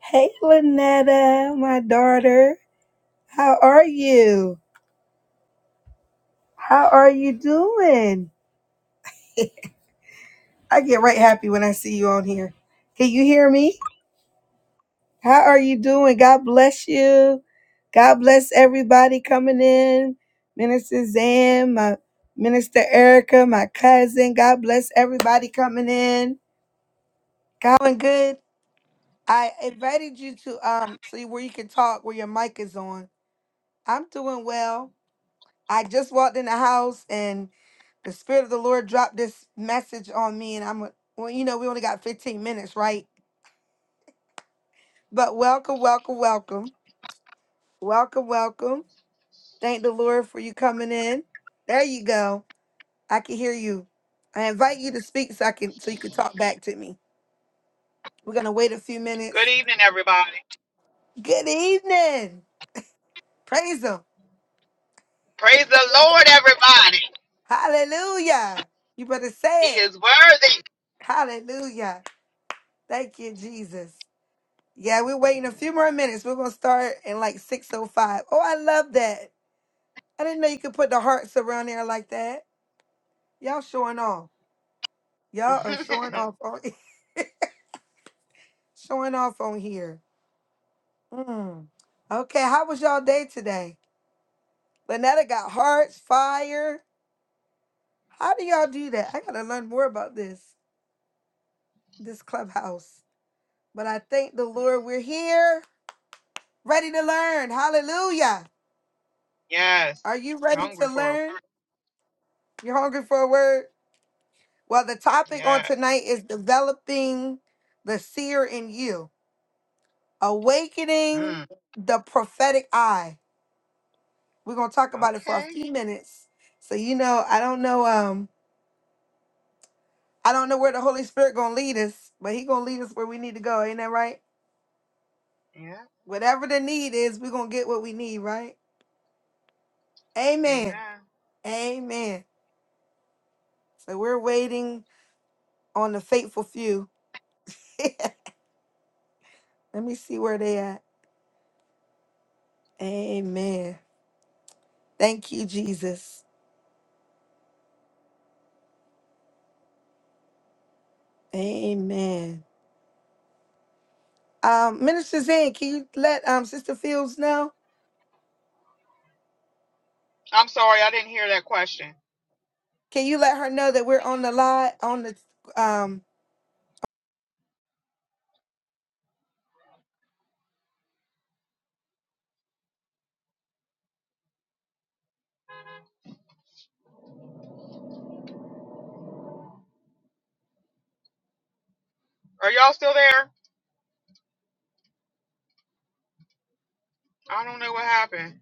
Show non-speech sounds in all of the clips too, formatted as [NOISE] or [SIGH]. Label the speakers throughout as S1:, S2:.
S1: Hey, Lynetta, my daughter. How are you? How are you doing? I get right happy when I see you on here. Can you hear me? How are you doing? God bless you. God bless everybody coming in. Minister Zan, my Minister Erica, my cousin. God bless everybody coming in. Going good. I invited you to um see where you can talk where your mic is on. I'm doing well. I just walked in the house and the spirit of the Lord dropped this message on me, and I'm a- well, you know, we only got 15 minutes, right? But welcome, welcome, welcome, welcome, welcome. Thank the Lord for you coming in. There you go. I can hear you. I invite you to speak so I can so you can talk back to me. We're gonna wait a few minutes.
S2: Good evening, everybody.
S1: Good evening. Praise Him.
S2: Praise the Lord, everybody.
S1: Hallelujah. You better
S2: He
S1: say it.
S2: is
S1: Hallelujah. Thank you, Jesus. Yeah, we're waiting a few more minutes. We're gonna start in like six oh five. Oh, I love that. I didn't know you could put the hearts around there like that. Y'all showing off. Y'all are
S2: worthy.
S1: showing
S2: [LAUGHS]
S1: off on [LAUGHS] showing off on here. Mm. Okay, how was y'all day today? Lynetta got hearts, fire. How do y'all do that? I gotta learn more about this this clubhouse. But I thank the Lord we're here, ready to learn. Hallelujah.
S2: yes.
S1: Are you ready to
S2: Hungry for a word.
S1: learn? You're hungry for a word? Well, the topic on
S2: Yes.
S1: tonight is developing the seer in you, awakening
S2: Mm.
S1: the prophetic eye. We're gonna talk about it for a
S2: Okay.
S1: few minutes. So you know, I don't know, um, I don't know where the Holy Spirit gonna lead us, but He gonna lead us where we need to go. Ain't that right?
S2: Yeah.
S1: Whatever the need is, we're gonna get what we need, right? Amen.
S2: Amen.
S1: Amen. So we're waiting on the faithful few. [LAUGHS] Let me see where they at. Amen. Thank you, Jesus. Amen. Um, Minister Zane, can you let um Sister Fields know?
S2: I'm sorry, I didn't hear that question.
S1: Can you let her know that we're on the live on the um
S2: Are y'all still there? I don't know what happened.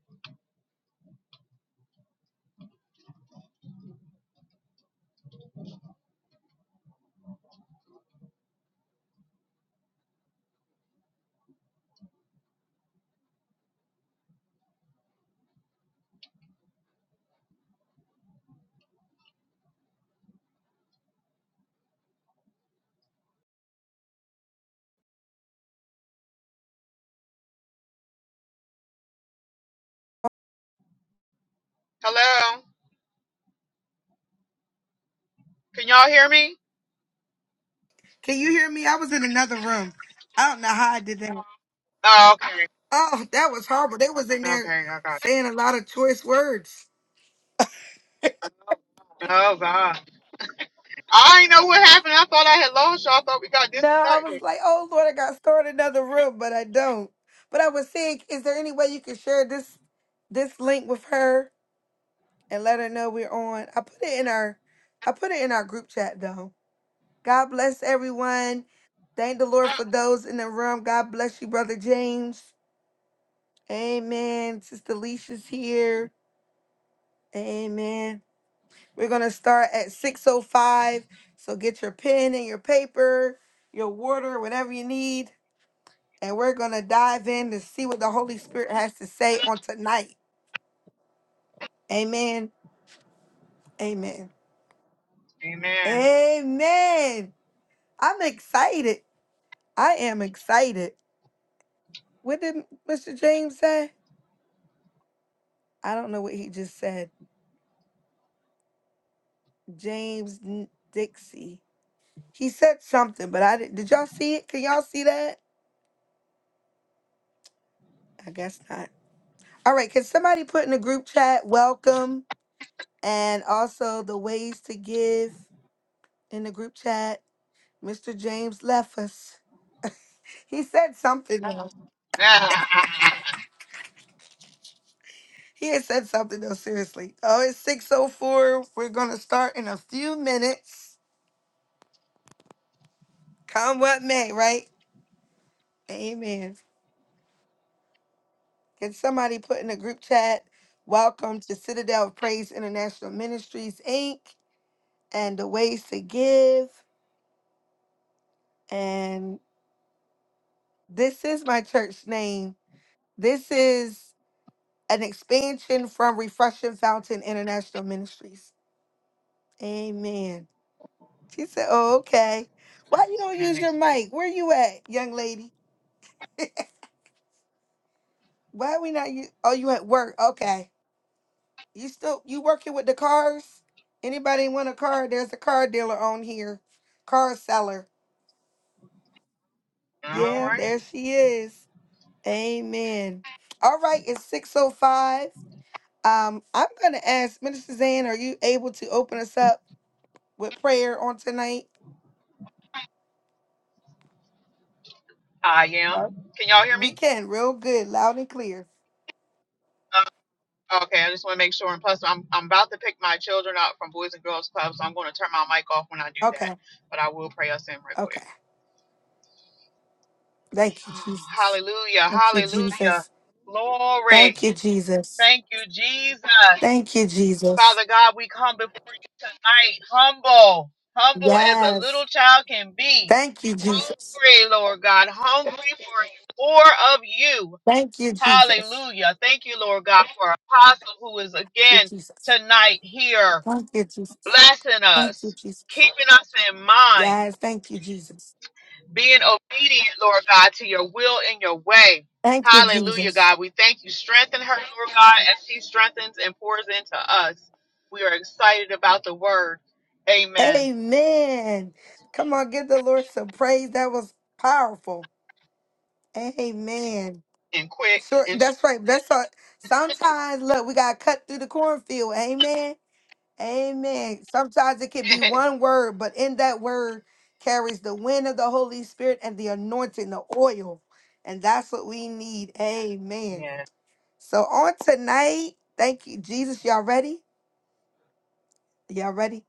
S2: Hello? Can y'all hear me?
S1: can you hear me? I was in another room. I don't know how I did that.
S2: Oh, okay.
S1: Oh, that was horrible. They was in there
S2: Okay, I got it.
S1: saying a lot of choice words.
S2: Oh, God. I didn't know what happened. I thought I had lost y'all. I thought we got
S1: No, I was
S2: disconnected.
S1: like, oh Lord, I got started another room, but I don't. But I was saying, is there any way you can share this this link with her and let her know we're on? I put it in our I put it in our group chat though. God bless everyone. Thank the Lord for those in the room. God bless you, Brother James. Amen. Sister Alicia's here. Amen. We're going to start at 6.05. So get your pen and your paper, your water, whatever you need. And we're going to dive in to see what the Holy Spirit has to say on tonight. Amen. Amen.
S2: Amen.
S1: Amen. I'm excited. I am excited. What did Mr. James say? I don't know what he just said. James N- Dixie. He said something, but I didn't. Did y'all see it? Can y'all see that? I guess not. All right. Can somebody put in the group chat welcome and also the ways to give in the group chat? Mr. James left us. He said something. though.
S2: [LAUGHS]
S1: He had said something though. Seriously. Oh, it's six oh four. We're gonna start in a few minutes. Come what may, right? Amen. Can somebody put in the group chat, welcome to Citadel of Praise International Ministries, Inc., and the ways to give? And this is my church name. This is an expansion from Refreshing Fountain International Ministries. Amen. She said, Oh, okay. Why you don't use your
S2: Next.
S1: mic? Where you at, young lady? [LAUGHS] Why we not you? Oh, you at work. Okay. You still you working with the cars? Anybody want a car? There's a car dealer on here. Car seller.
S2: All
S1: Yeah,
S2: right.
S1: there she is. Amen. All right, it's 605. Um, I'm gonna ask Minister Zan, are you able to open us up with prayer on tonight?
S2: I am.
S1: Uh,
S2: Can y'all hear
S1: we
S2: me?
S1: can, real good, loud and clear.
S2: Uh, okay, I just want to make sure. And plus, I'm I'm about to pick my children up from Boys and Girls Club, so I'm going to turn my mic off when I do that.
S1: Okay,
S2: But I will pray us in real
S1: okay.
S2: quick.
S1: Thank you,
S2: [SIGHS]
S1: Jesus.
S2: hallelujah!
S1: Thank you,
S2: Hallelujah!
S1: Jesus.
S2: Glory!
S1: Thank you, Jesus.
S2: Thank you, Jesus.
S1: Thank you, Jesus.
S2: Father God, we come before you tonight, humble, humble as a little
S1: Yes.
S2: child can be.
S1: Thank you, Jesus.
S2: Hungry, Lord God, hungry for more of you,
S1: Thank you, Jesus.
S2: Hallelujah. Thank you, Lord God, for Apostle who is
S1: Thank
S2: again
S1: you, Jesus.
S2: tonight here
S1: Thank you, Jesus.
S2: blessing
S1: Thank you,
S2: us,
S1: Jesus.
S2: keeping us in mind,
S1: Yes, thank you, Jesus.
S2: being obedient, Lord God, to your will and your way.
S1: Thank you,
S2: Hallelujah,
S1: Jesus.
S2: God. We thank you. Strengthen her, Lord God, as she strengthens and pours into us. We are excited about the word. Amen.
S1: Amen. Come on, give the Lord some praise. That was powerful. Amen.
S2: And quick
S1: Sure,
S2: and
S1: that's
S2: short.
S1: right. That's all. Sometimes, look, we gotta cut through the cornfield. Amen. Amen. Sometimes it can be
S2: [LAUGHS]
S1: one word, but in that word carries the wind of the Holy Spirit and the anointing, the oil, and that's what we need. Amen.
S2: yeah.
S1: So on tonight, thank you, Jesus. Y'all ready? Y'all ready?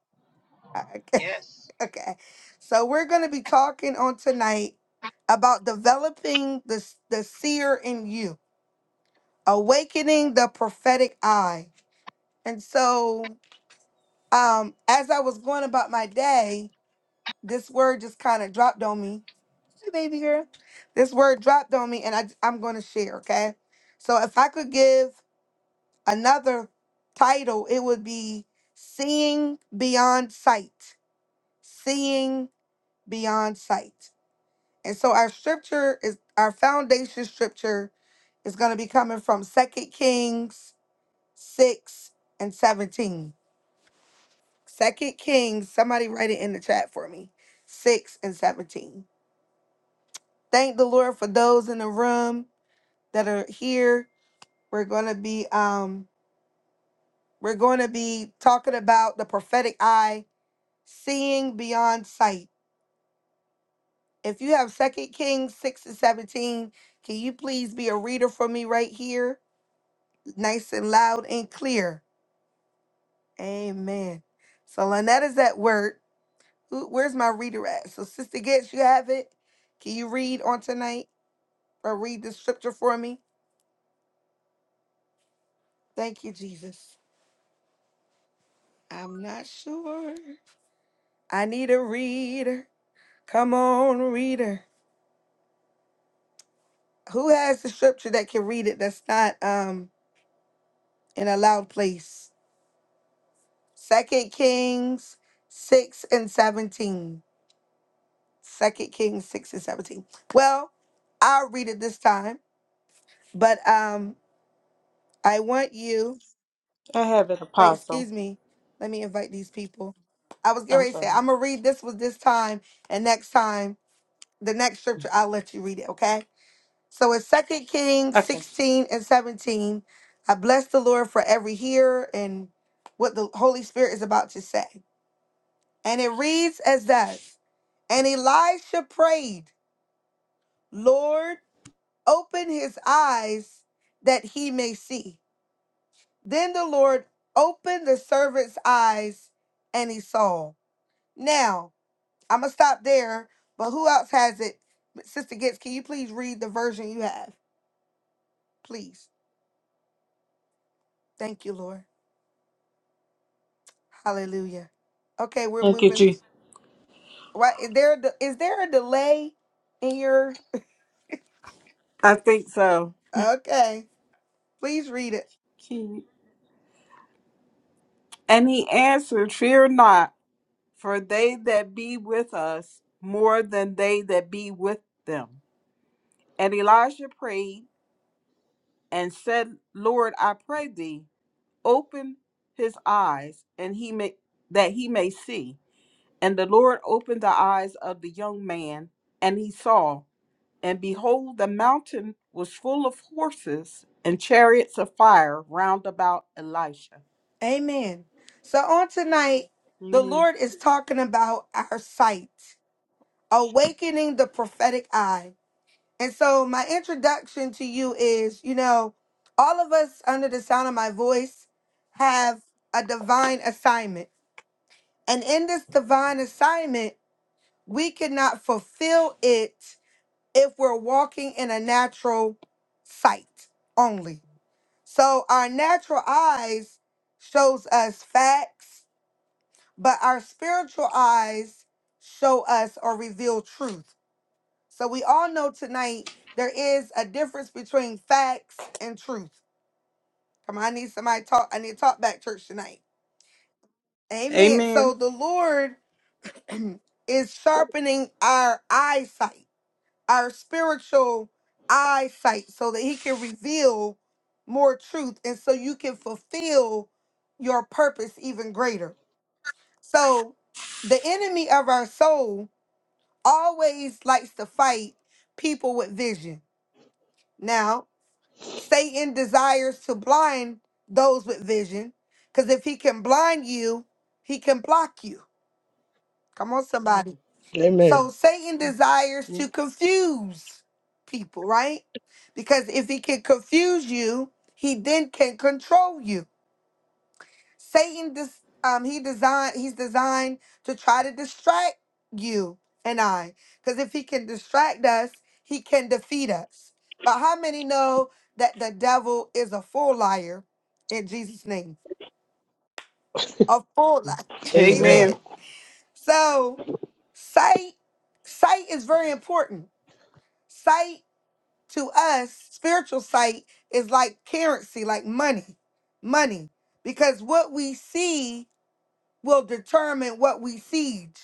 S1: Uh, Okay. [LAUGHS]
S2: Yes.
S1: Okay. So we're gonna be talking on tonight about developing the s- the seer in you, awakening the prophetic eye. And so, um, as I was going about my day, this word just kind of dropped on me. Hey, baby girl, this word dropped on me, and I I'm gonna share. Okay. So if I could give another title, it would be Seeing Beyond Sight. Seeing Beyond Sight. And so our scripture is our foundation scripture is going to be coming from Second Kings 6 and 17. Second Kings, somebody write it in the chat for me. 6 and 17. Thank the Lord for those in the room that are here. We're going to be um we're going to be talking about the prophetic eye seeing beyond sight. If you have Second Kings 6 and 17, can you please be a reader for me right here? Nice and loud and clear. Amen. So Lynette is at work. Who- Where's my reader at? So Sister Gets, you have it. Can you read on tonight or read the scripture for me? Thank you, Jesus. I'm not sure. I need a reader. Come on, reader. Who has the scripture that can read it that's not um in a loud place? Second Kings 6 and 17. Second Kings 6 and 17. Well, I'll read it this time, but um I want you,
S3: I have an
S1: wait,
S3: apostle.
S1: excuse me. Let me invite these people. I was getting
S3: I'm
S1: ready to say,
S3: sorry.
S1: I'm gonna read this one this time, and next time, the next scripture, I'll let you read it, okay? So it's Second Kings
S3: Okay.
S1: 16 and 17. I bless the Lord for every hearer and what the Holy Spirit is about to say. And it reads as thus And Elisha prayed, Lord, open his eyes that he may see. Then the Lord opened the servant's eyes and he saw. Now, I'm going to stop there, but who else has it? Sister Gitz, can you please read the version you have? Please. Thank you, Lord. Hallelujah. Okay, we're
S3: Thank you,
S1: moving.
S3: G.
S1: What is there? a de- Is there a delay in your?
S3: I think so.
S1: Okay, please read it.
S3: Keep. And he answered, Fear not, for they that be with us more than they that be with them. And Elijah prayed and said, Lord, I pray thee, open his eyes, and he may that he may see. And the Lord opened the eyes of the young man, and he saw. And behold, the mountain was full of horses and chariots of fire round about Elisha.
S1: Amen. So on tonight, the
S3: Amen.
S1: Lord is talking about our sight, awakening the prophetic eye. And so my introduction to you is, you know, all of us under the sound of my voice have a divine assignment. And in this divine assignment, we cannot fulfill it if we're walking in a natural sight only. So our natural eyes shows us facts, but our spiritual eyes show us or reveal truth. So we all know tonight there is a difference between facts and truth. Come on, I need somebody to talk. I need to talk back church tonight. Amen.
S3: Amen.
S1: So the Lord [CLEARS THROAT] is sharpening our eyesight, our spiritual eyesight, so that He can reveal more truth and so you can fulfill your purpose even greater. So the enemy of our soul always likes to fight people with vision. Now, Satan desires to blind those with vision because if he can blind you, he can block you. Come on, somebody. So,
S4: Amen.
S1: Satan desires to
S3: Mm,
S1: confuse people, right? Because if he can confuse you, he then can control you. Satan dis- um he designed he's designed to try to distract you and I cuz if he can distract us, he can defeat us. But how many know that the devil is a full liar in Jesus name? A full liar. [LAUGHS]
S4: Amen.
S1: Amen.
S3: Amen.
S1: So, sight sight is very important. Sight to us, spiritual sight is like currency, like money. Money because what we see will determine what we siege.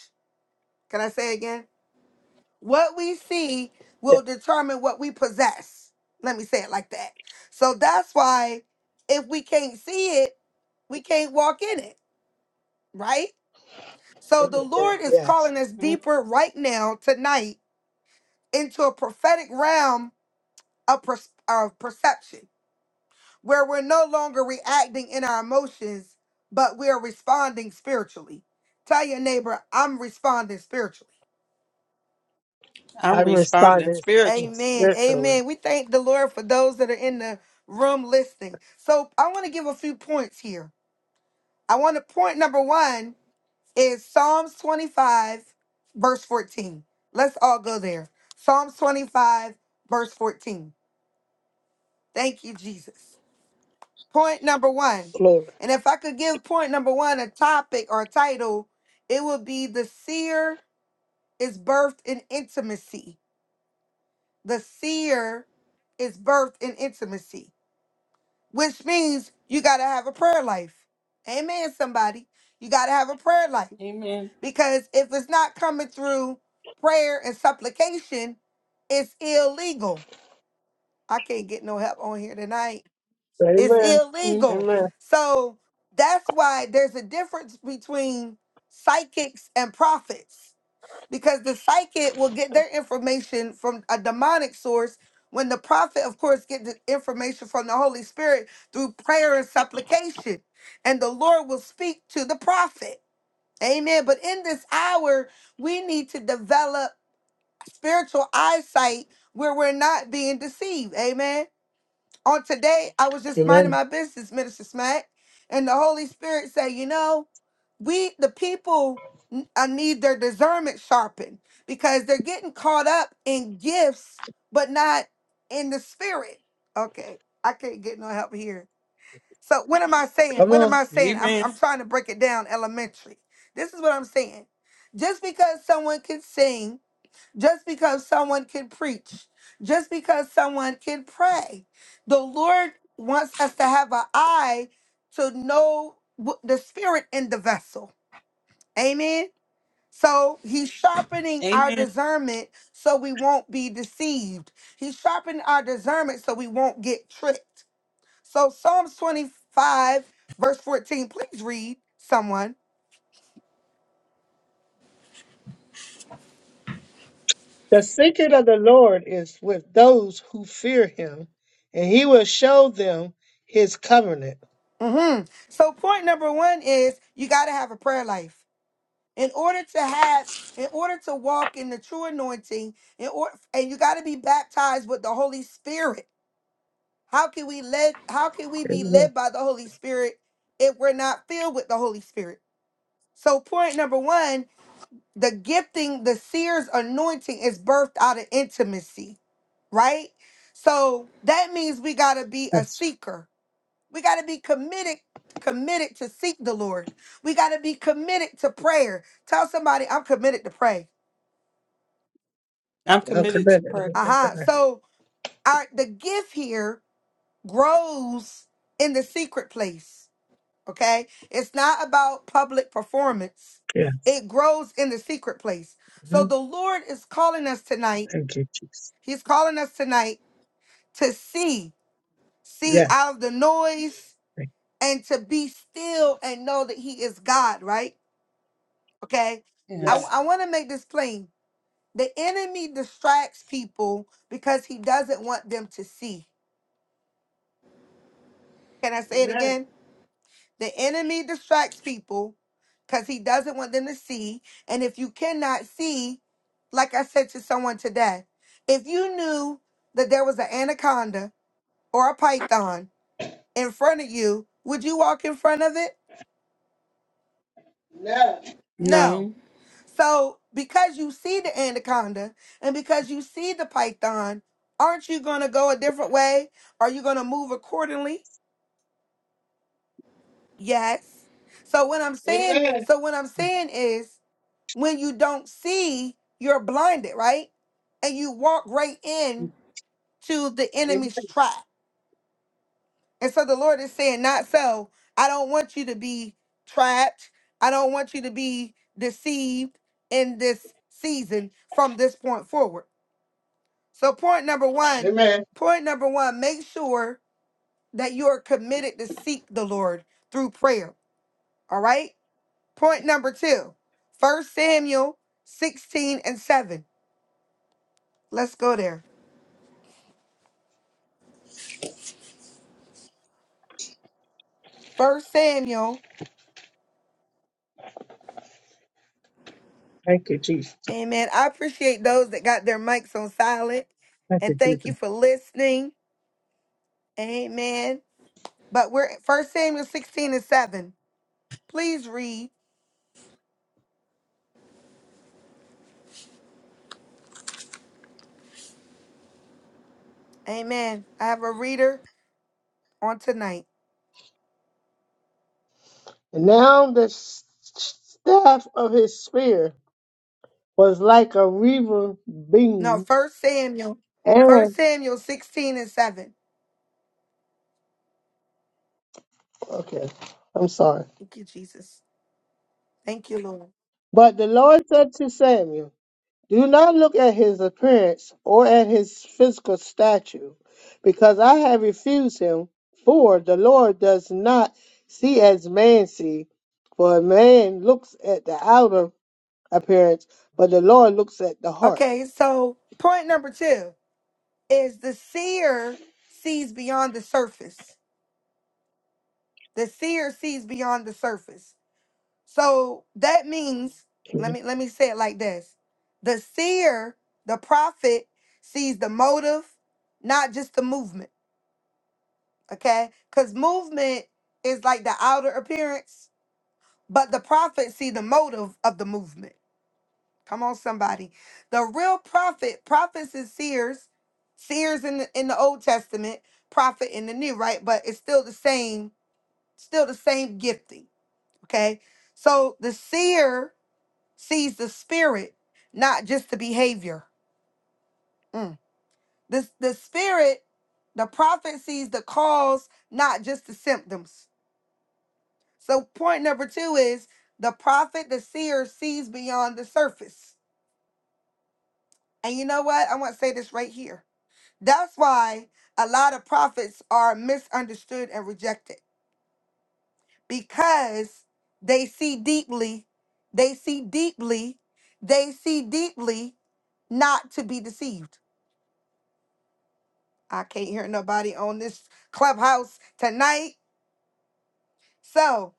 S1: Can I say it again? What we see
S4: Yeah,
S1: will determine what we possess. Let me say it like that. So that's why if we can't see it, we can't walk in it, right? So the
S4: Amen.
S1: Lord is
S4: Yes.
S1: calling us
S3: mm,
S1: deeper right now, tonight, into a prophetic realm of, pers- of perception where we're no longer reacting in our emotions, but we're responding spiritually. Tell your neighbor, I'm responding spiritually.
S4: I
S3: I'm
S4: am
S3: responding
S4: responding
S3: spiritual.
S1: Amen.
S4: spiritually.
S1: Amen. We thank the Lord for those that are in the room listening. So I want to give a few points here. I want to point number one is Psalms 25, verse 14. Let's all go there. Psalms 25, verse 14. Thank you, Jesus. Point number one.
S4: Glory.
S1: And if I could give point number one a topic or a title, it would be The Seer is Birthed in Intimacy. The Seer is birthed in intimacy. which means you got to have a prayer life. Amen, somebody. You got to have a prayer life
S3: Amen.
S1: because if it's not coming through prayer and supplication, it's illegal. I can't get no help on here tonight. It's
S4: Amen.
S3: Mm.
S1: illegal.
S4: Amen.
S1: So that's why there's a difference between psychics and prophets because the psychic will get their information from a demonic source when the prophet of course get the information from the holy spirit through prayer and supplication and the lord will speak to the prophet amen but in this hour we need to develop spiritual eyesight where we're not being deceived amen on today, I was just minding
S4: Amen.
S1: my business, Minister Smack, and the Holy Spirit said, you know, we the people n- I need their discernment sharpened because they're getting caught up in gifts, but not in the spirit. Okay, I can't get no help here. So what am I saying?
S4: Come
S1: What am
S4: on.
S1: I saying? I'm
S3: Amen.
S1: I'm trying to break it down elementary. This is what I'm saying. Just because someone can sing just because someone can preach, just because someone can pray. The Lord wants us to have an eye to know wh- the spirit in the vessel. Amen. So he's sharpening our
S3: Amen.
S1: discernment so we won't be deceived. He's sharpening our discernment so we won't get tricked. So Psalms 25, verse 14, please read someone.
S4: The secret of the Lord is with those who fear him, and he will show them his covenant.
S1: hmm So point number one is you got to have a prayer life. in order to have in order to walk in the true anointing in order and you got to be baptized with the holy spirit how can we led how can we be
S4: Amen.
S1: led by the holy spirit if we're not filled with the holy spirit so point number one the gifting the seer's anointing is birthed out of intimacy right so that means we got to be a
S4: Yes.
S1: seeker we got to be committed committed to seek the lord we got to be committed to prayer tell somebody i'm committed to pray
S3: I'm
S4: Okay,
S3: committed to
S4: good.
S3: prayer.
S1: Uh-huh.
S4: Whatever.
S1: So our the gift here grows in the secret place. Okay? It's not about public performance.
S4: Yeah.
S1: It grows in the secret place. So
S4: hmm
S1: the Lord is calling us tonight.
S4: Thank you, Jesus.
S1: He's calling us tonight to see, see
S4: Yeah.
S1: out of the noise
S4: Thank
S1: and to be still and know that he is God, right? Okay? I
S3: Yes.
S4: Yes.
S1: I want to make this plain. The enemy distracts people because he doesn't want them to see. Can I say it
S4: Amen.
S1: again? The enemy distracts people because he doesn't want them to see. And if you cannot see, like I said to someone today, if you knew that there was an anaconda or a python in front of you, would you walk in front of it?
S4: No.
S1: No.
S3: No.
S1: So, because you see the anaconda and because you see the python, aren't you going to go a different way? Are you going to move accordingly? Yes. So, what I'm saying,
S4: amen.
S1: so what I'm saying is when you don't see, you're blinded, right? And you walk right in to the enemy's
S4: Amen.
S1: trap. And so the Lord is saying, not so. I don't want you to be trapped. I don't want you to be deceived in this season from this point forward. So point number one,
S4: Amen.
S1: point number one, make sure that you are committed to seek the Lord through prayer. All right. Point number two, 1 Samuel 16 and 7. Let's go there. First Samuel.
S4: thank you, Jesus.
S1: Amen. I appreciate those that got their mics on silent.
S4: Thank
S1: And
S4: you,
S1: thank
S4: Jesus.
S1: you for listening. Amen. But we're at First Samuel 16 and 7. Please read. Amen. I have a reader on tonight.
S4: And now the s- staff of his spear was like a reaver
S1: No,
S4: beam.
S1: First Samuel. First
S4: And
S1: Samuel 16 and 7.
S4: okay, I'm sorry.
S1: Thank you, Jesus. Thank you, Lord.
S4: But the Lord said to Samuel, Do not look at his appearance or at his physical stature, because I have refused him. For the Lord does not see as man see, for a man looks at the outer appearance, but the Lord looks at the heart.
S1: Okay, so point number two is the seer sees beyond the surface. The seer sees beyond the surface. So that means, let me let me say it like this. The seer, the prophet, sees the motive, not just the movement. Okay? Because movement is like the outer appearance, but the prophet see the motive of the movement. Come on, somebody. The real prophet, prophets and seers, seers in the in the old testament, prophet in the new, right? But it's still the same, still the same gifting. Okay. So the seer sees the spirit, not just the behavior. Mm. The, the spirit, the prophet sees the cause, not just the symptoms. So, point number two is the prophet, the seer, sees beyond the surface. And you know what? I want to say this right here. That's why a lot of prophets are misunderstood and rejected because they see deeply, they see deeply, they see deeply not to be deceived. I can't hear nobody on this clubhouse tonight. So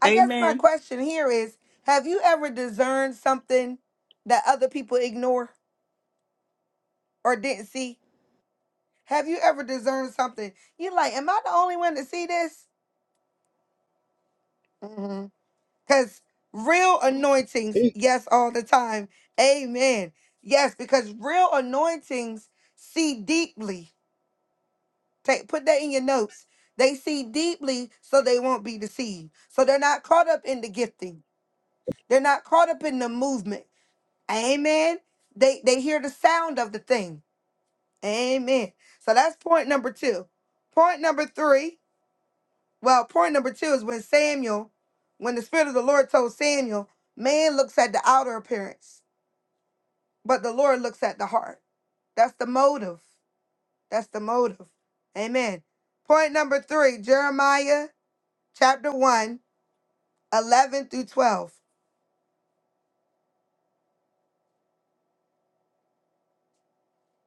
S1: I guess my
S3: Amen.
S1: question here is have you ever discerned something that other people ignore or didn't see? Have you ever discerned something? you like, am I the only one to see this? Because real anointings,
S4: Eight.
S1: yes, all the time. Amen. Yes, because real anointings see deeply. Take, put that in your notes. They see deeply so they won't be deceived. So they're not caught up in the gifting. They're not caught up in the movement. Amen. They they hear the sound of the thing. Amen. So that's point number two. Point number three. Well, point number two is when Samuel, when the Spirit of the Lord told Samuel, man looks at the outer appearance, but the Lord looks at the heart. That's the motive. That's the motive. Amen. Point number three, Jeremiah chapter One, 11 through 12.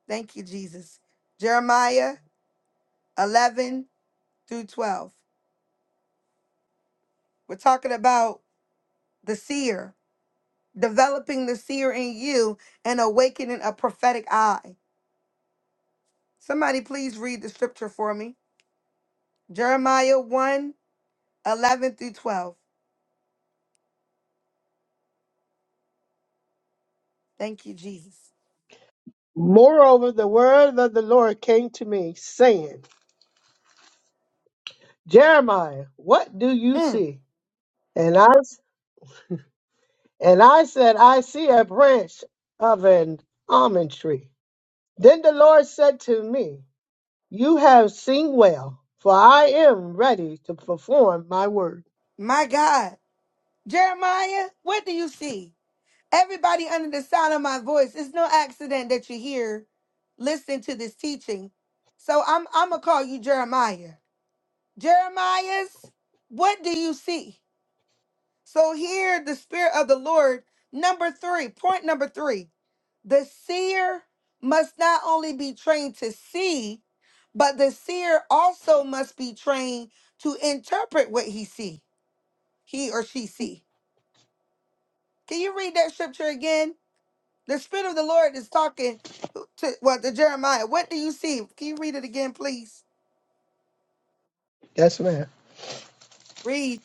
S1: Thank you, Jesus. Jeremiah 11 through 12. We're talking about the seer, developing the seer in you and awakening a prophetic eye. Somebody, please read the scripture for me. Jeremiah One, 11 through 12. Thank you, Jesus.
S4: Moreover, the word of the Lord came to me, saying, Jeremiah, what do you
S1: Mm,
S4: see? And I and I said, I see a branch of an almond tree. Then the Lord said to me. You have seen well, for I am ready to perform my word.
S1: my God. Jeremiah, what do you see? Everybody under the sound of my voice, it's no accident that you're here listening to this teaching. So I'm I'm gonna call you Jeremiah. Jeremiah's, what do you see? So here the spirit of the Lord, number three, point number three. The seer must not only be trained to see, but the seer also must be trained to interpret what he see, he or she see. Can you read that scripture again? The Spirit of the Lord is talking to well to Jeremiah. What do you see? Can you read it again, please?
S4: Yes, ma'am.
S1: Read.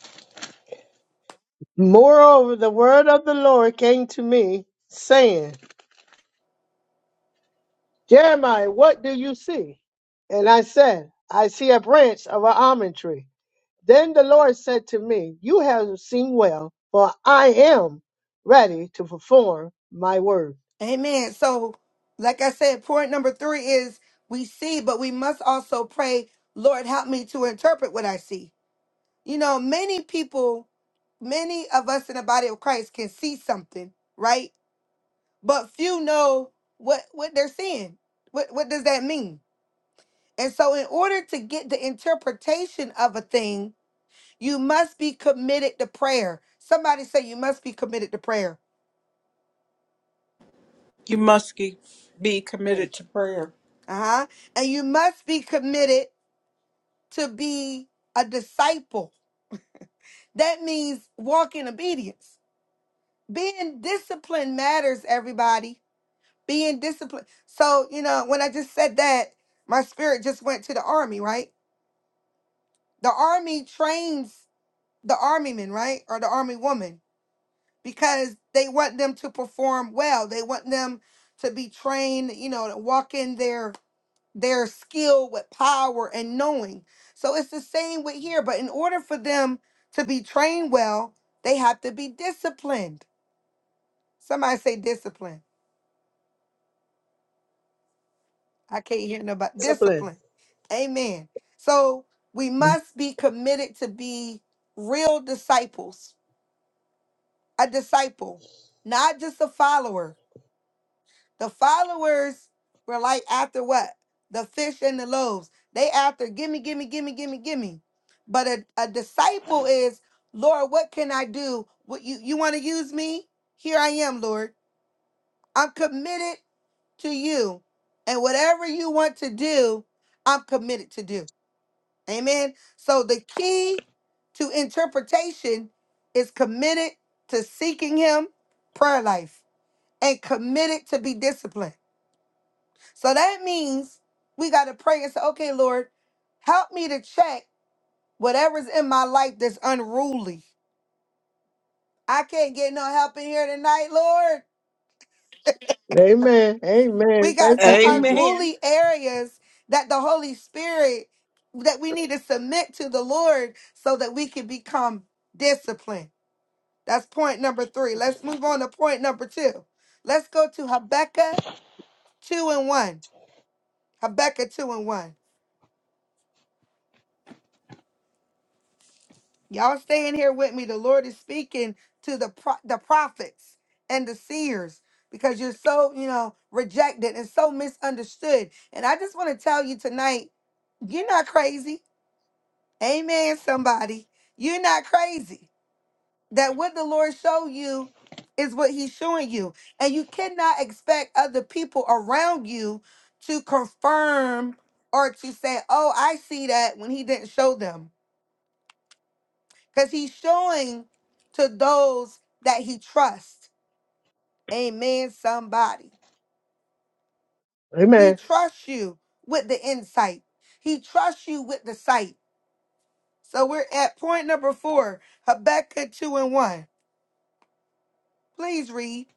S4: Moreover, the word of the Lord came to me, saying, Jeremiah, what do you see? And I said, I see a branch of an almond tree. Then the Lord said to me, You have seen well, for I am ready to perform my word.
S1: Amen. So, like I said, point number three is we see, but we must also pray, Lord, help me to interpret what I see. You know, many people, many of us in the body of Christ can see something, right? But few know what what they're seeing. What what does that mean? And so in order to get the interpretation of a thing, You must be committed to prayer. Somebody say you must be committed to prayer.
S3: You must be be
S4: Prayer.
S3: committed to prayer.
S1: Uh-huh. And you must be committed to be a disciple. That means walk in obedience. Being disciplined matters, everybody. Being disciplined. So, you know, when I just said that, my spirit just went to the army, right? The army trains the army men, right? Or the army woman, because they want them to perform well. They want them to be trained, you know, to walk in their their skill with power and knowing. So it's the same with here, but in order for them to be trained well, they have to be disciplined. Somebody say discipline. I can't hear nobody.
S4: Discipline.
S1: Discipline. Amen. So we must be committed to be real disciples, a disciple, not just a follower. The followers were like after what? The fish and the loaves. They after gimme, gimme, gimme, gimme, gimme. But a, a disciple is, Lord, what can I do? What you you want to use me? Here I am, Lord. I'm committed to you. And whatever you want to do, I'm committed to do. Amen. So the key to interpretation is committed to seeking him, prayer life, and committed to be disciplined. So that means we got to pray and say, okay, Lord, help me to check whatever's in my life that's unruly. I can't get no help in here tonight, Lord.
S4: Amen.
S1: We
S4: Amen.
S1: got
S4: Thank you,
S1: some
S4: Jesus.
S3: Amen.
S1: unruly areas that the Holy Spirit that we need to submit to the Lord so that we can become disciplined. That's point number three. Let's move on to point number two. Let's go to Habakkuk 2 and 1. Habakkuk 2 and 1. Y'all staying here with me. The Lord is speaking to the pro- the prophets and the seers because you're so, you know, rejected and so misunderstood. And I just want to tell you tonight, you're not crazy. Amen, somebody. You're not crazy. That what the Lord show you is what he's showing you. And you cannot expect other people around you to confirm or to say, "Oh, I see that" when he didn't show them. because he's showing to those that he trusts. Amen, somebody.
S4: Amen.
S1: He trusts you with the insight, he trusts you with the sight. So we're at point number four Habakkuk 2 and 1. Please read.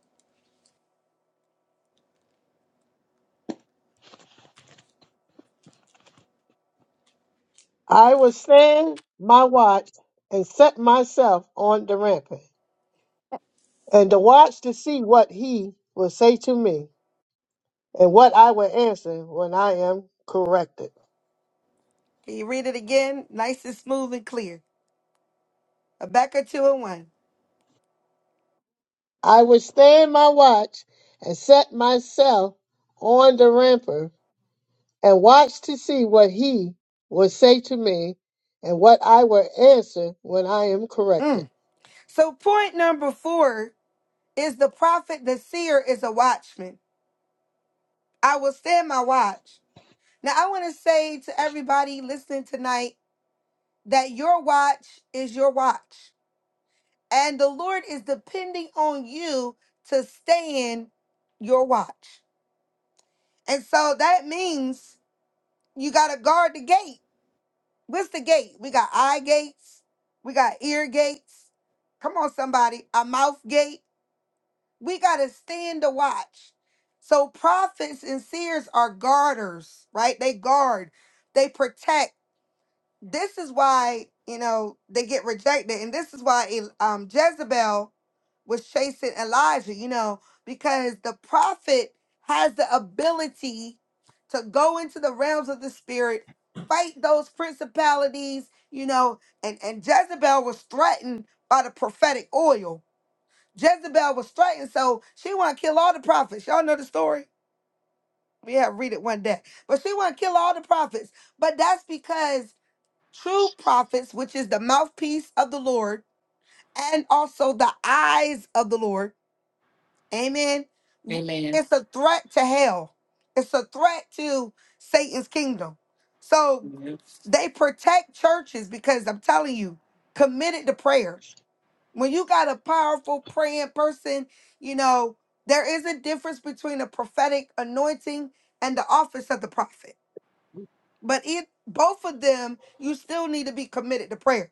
S4: I will stand my watch and set myself on the rampant, and to watch to see what he will say to me, and what I will answer when I am corrected.
S1: Can you read it again? Nice and smooth and clear. Habakkuk 2 and 1.
S4: I will stand my watch and set myself on the rampant, and watch to see what he will say to me, and what I will answer when I am corrected.
S1: Mm. So, point number four is the prophet, the seer is a watchman. I will stand my watch. Now, I want to say to everybody listening tonight that your watch is your watch. And the Lord is depending on you to stay in your watch. And so that means you got to guard the gate. What's the gate? We got eye gates, we got ear gates. Come on, somebody, a mouth gate. We got to stand the watch. So prophets and seers are guarders, right? They guard, they protect this is why you know they get rejected and this is why El- um jezebel was chasing elijah you know because the prophet has the ability to go into the realms of the spirit fight those principalities you know and and jezebel was threatened by the prophetic oil jezebel was threatened so she want to kill all the prophets y'all know the story we have read it one day but she want to kill all the prophets but that's because true prophets, which is the mouthpiece of the Lord, and also the eyes of the Lord. Amen.
S5: Amen.
S1: It's a threat to hell, it's a threat to Satan's kingdom. So
S5: Amen.
S1: they protect churches because I'm telling you, committed to prayer. When you got a powerful praying person, you know, there is a difference between a prophetic anointing and the office of the prophet. But it both of them, you still need to be committed to prayer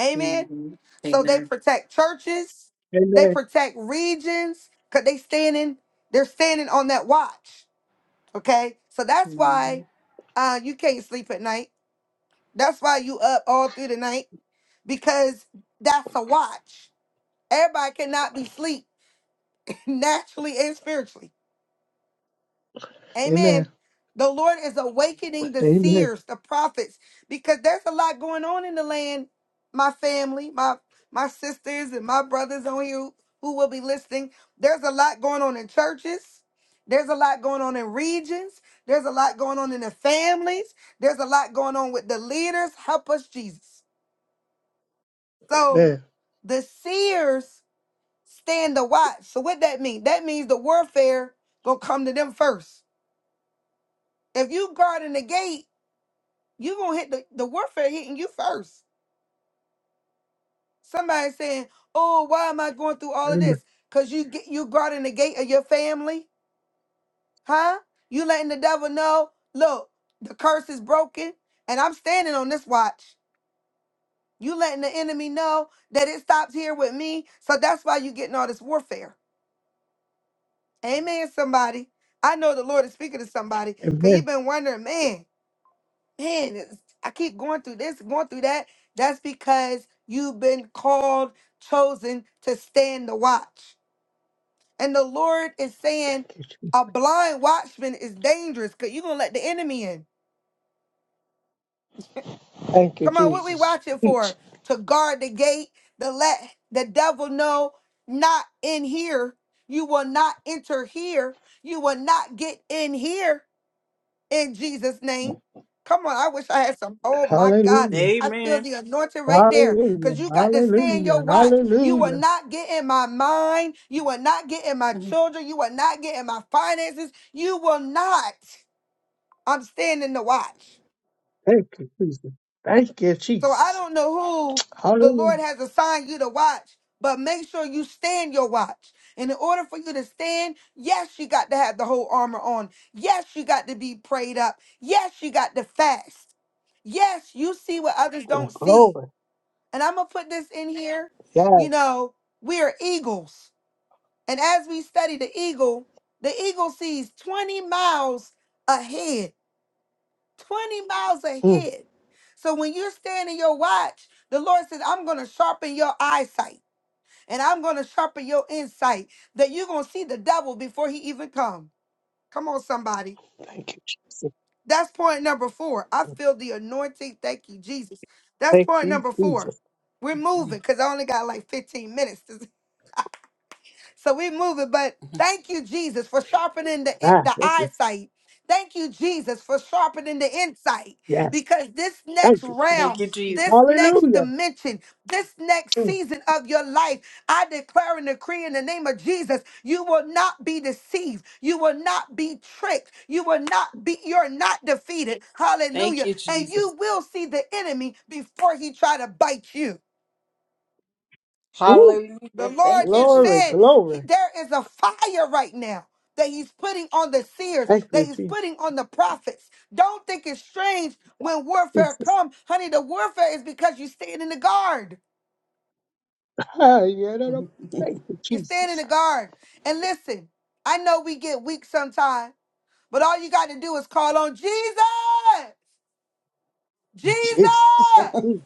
S1: Amen.
S5: Mhm.
S1: So they
S5: Amen.
S1: protect churches, they
S4: Amen.
S1: protect regions, cause they standing, they're standing on that watch. Okay. So that's
S5: Mhm.
S1: why uh you can't sleep at night. That's why you up all through the night, because that's a watch. Everybody cannot be sleep [LAUGHS] naturally and spiritually.
S4: Amen.
S1: Amen. The Lord is awakening the
S4: Amen.
S1: seers, the prophets, because there's a lot going on in the land. My family, my my sisters and my brothers on here who will be listening. There's a lot going on in churches. There's a lot going on in regions. There's a lot going on in the families. There's a lot going on with the leaders. Help us, Jesus. So
S4: Amen.
S1: the seers stand the watch. So what that mean? That means the warfare gonna come to them first. If you guarding the gate you gonna hit the, the warfare hitting you first. Somebody saying, "Oh, why am I going through all of
S4: Amen.
S1: this?" Cause you get you brought in the gate of your family, huh? You letting the devil know, look, the curse is broken, and I'm standing on this watch. You letting the enemy know that it stops here with me, so that's why you getting all this warfare. Amen. Somebody, I know the Lord is speaking to somebody, cause
S4: Amen.
S1: you've been wondering, man. man, it's, I keep going through this, going through that. That's because you've been called, chosen to stand the watch. And the Lord is saying,
S4: Thank you. Jesus.
S1: a blind watchman is dangerous because you're gonna let the enemy in.
S4: Thank you,
S1: Come on, what we watching
S4: Jesus.
S1: for? To guard the gate, to let the devil know, not in here. You will not enter here. You will not get in here. in Jesus' name. Come on, I wish I had some. Oh my God,
S4: Hallelujah.
S1: I feel
S3: Amen.
S1: the anointing right there
S4: Hallelujah.
S1: because you got to stay in
S4: Hallelujah.
S1: your watch. You will
S4: Hallelujah.
S1: not get in my mind. You will not get in my
S3: Mm,
S1: children. You will not get in my finances. You will not. I'm staying in the watch.
S4: Thank you, Jesus. Thank you,
S1: So I
S4: Jesus.
S1: don't know who the
S4: Hallelujah.
S1: Lord has assigned you to watch, but make sure you stand your watch. And in order for you to stand, yes, you got to have the whole armor on. Yes, you got to be prayed up. Yes, you got to fast. Yes, you see what others
S4: Oh,
S1: don't see.
S4: glory.
S1: And I'm going to put this in here.
S4: Yeah.
S1: You know, we are eagles. And as we study the eagle, the eagle sees 20 miles ahead 20 miles
S4: Mm.
S1: ahead. So when you're standing your watch, the Lord says, I'm going to sharpen your eyesight and I'm going to sharpen your insight that you're going to see the devil before he even come. Come on, somebody.
S4: Thank you, Jesus.
S1: That's point number four. I
S4: Mm,
S1: feel the anointing. Thank you, Jesus. That's
S4: Thank
S1: point
S4: you,
S1: number four.
S4: Jesus.
S1: We're
S3: mm,
S1: moving because I only got like 15 minutes. [LAUGHS] so we move it. But
S3: mm.
S1: thank you, Jesus, for sharpening the
S4: Ah,
S1: the
S4: this is,
S1: eyesight. Thank you, Jesus, for sharpening the insight.
S4: yes.
S1: Because this next
S4: Thank you, Jesus.
S3: Thank
S1: realm,
S3: you, Jesus.
S1: this next
S4: Hallelujah.
S1: dimension, this next
S4: Mm.
S1: season of your life, I declare and decree in the name of Jesus, you will not be deceived. You will not be tricked. You will not be, you're not defeated.
S3: Thank
S1: Hallelujah.
S3: you,
S1: And
S3: Jesus.
S1: you will see the enemy before he try to bite you.
S4: Woo.
S1: The
S3: Hallelujah.
S1: Lord
S3: Thank you,
S1: is
S3: Jesus.
S4: Glory,
S1: saying he-
S4: glory.
S1: there is a fire right now that He's putting on the seers,
S4: Thank
S1: that
S4: you,
S1: He's
S4: Je-
S1: putting on the prophets. Don't think it's strange when warfare
S4: Jesus.
S1: comes. Honey, the warfare is because you stand in the guard.
S4: Ah, yeah, no, no.
S3: [LAUGHS]
S4: Thank you,
S1: You stand in
S4: Jesus.
S1: the guard. And listen, I know we get weak sometimes, but all you got to do is call on Jesus.
S4: Jesus.
S1: Jesus.
S4: Mm.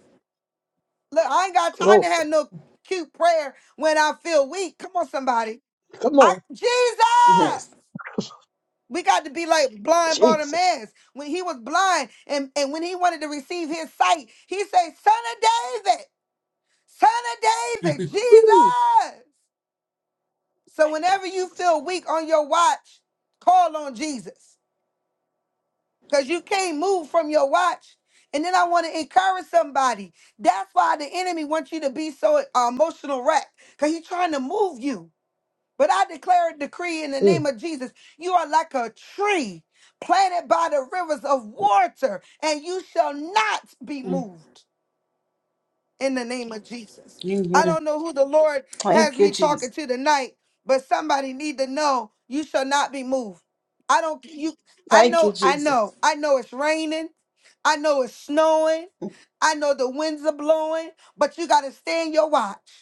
S1: Look, I ain't got time to
S4: Glory.
S1: have no cute prayer when I feel weak. Come on, somebody.
S4: Come
S1: I
S4: on.
S1: Jesus.
S3: Yes.
S1: We got to be like blind
S4: Jesus.
S1: Bartimaeus when he was blind and, and when he wanted to receive his sight, he said, Son of David, Son of David,
S4: Woo.
S1: Jesus. So
S4: Thank you,
S1: whenever you
S4: Jesus.
S1: feel weak on your watch, call on Jesus because you can't move from your watch. And then I want to encourage somebody. That's why the enemy wants you to be so uh, emotional wrecked because he's trying to move you. But I declare a decree in the
S4: Mm.
S1: name of Jesus. You are like a tree planted by the rivers of water, and you shall not be moved in the name of Jesus. I
S3: Amen.
S1: don't know who the Lord has
S3: Thank you,
S1: me talking
S3: Jesus.
S1: to tonight, but somebody need to know you shall not be moved. I don't you I
S3: Thank you,
S1: know, I
S3: Jesus.
S1: know, I know it's raining, I know it's snowing, I know the winds are blowing, but you gotta stay in your watch.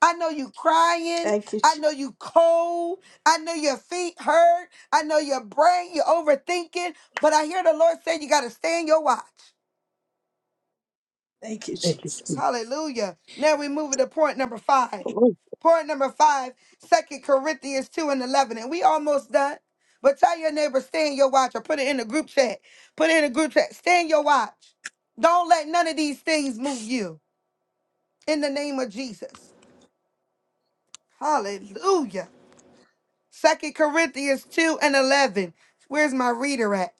S1: I know you crying.
S3: Thank you,
S1: I
S3: Jesus.
S1: know you cold. I know your feet hurt. I know your brain, you're overthinking. But I hear the Lord say you got to stay in your watch.
S3: Thank you,
S4: Thank you, Jesus.
S3: Jesus.
S1: Hallelujah. Now we move to point number five.
S4: Lord,
S1: Point number five, Second Corinthians 2 and 11. And we almost done. But tell your neighbor, stay in your watch or put it in the group chat. Put it in the group chat. Stay in your watch. Don't let none of these things move you in the name of Jesus. Hallelujah. Second Corinthians 2 and 11. Where's my reader at?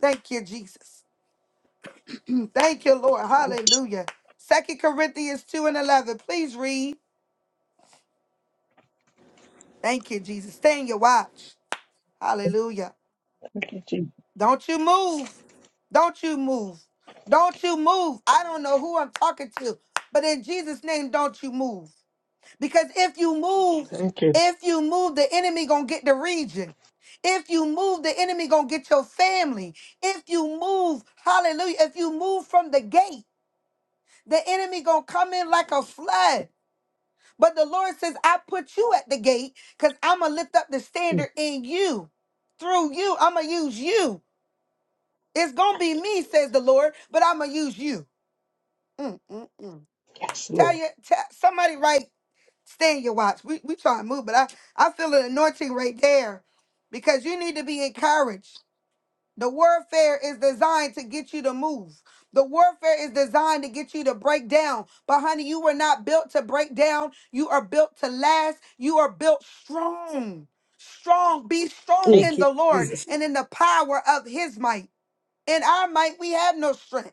S1: Thank you, Jesus. Thank you, Lord. Hallelujah. Second Corinthians 2 and 11. Please read. Thank you, Jesus. Stay in your watch. Hallelujah.
S4: thank you, Jesus.
S1: Don't you move. Don't you move. Don't you move. I don't know who I'm talking to, but in Jesus' name, don't you move. Because if you move,
S4: Thank you.
S1: if you move, the enemy gonna get the region. If you move, the enemy gonna get your family. If you move, hallelujah. If you move from the gate, the enemy gonna come in like a flood. But the Lord says, I put you at the gate because I'm gonna lift up the
S4: Mm.
S1: standard in you. Through you, I'm gonna use you. It's gonna be
S4: Thank you,
S1: me, says the
S4: Jesus.
S1: Lord, but I'm gonna use you. Mm, mm, mm.
S4: Yes,
S1: Tell
S4: Lord.
S1: you, tell somebody right. Stay in your watch. We we try to move, but I I feel an anointing right there because you need to be encouraged. The warfare is designed to get you to move. The warfare is designed to get you to break down. But honey, you were not built to break down. You are built to last. You are built strong. Strong. Be strong
S4: Mm,
S1: in
S3: Thank you,
S1: the Lord
S3: Jesus.
S1: and in the power of his might. In our might, we have no strength.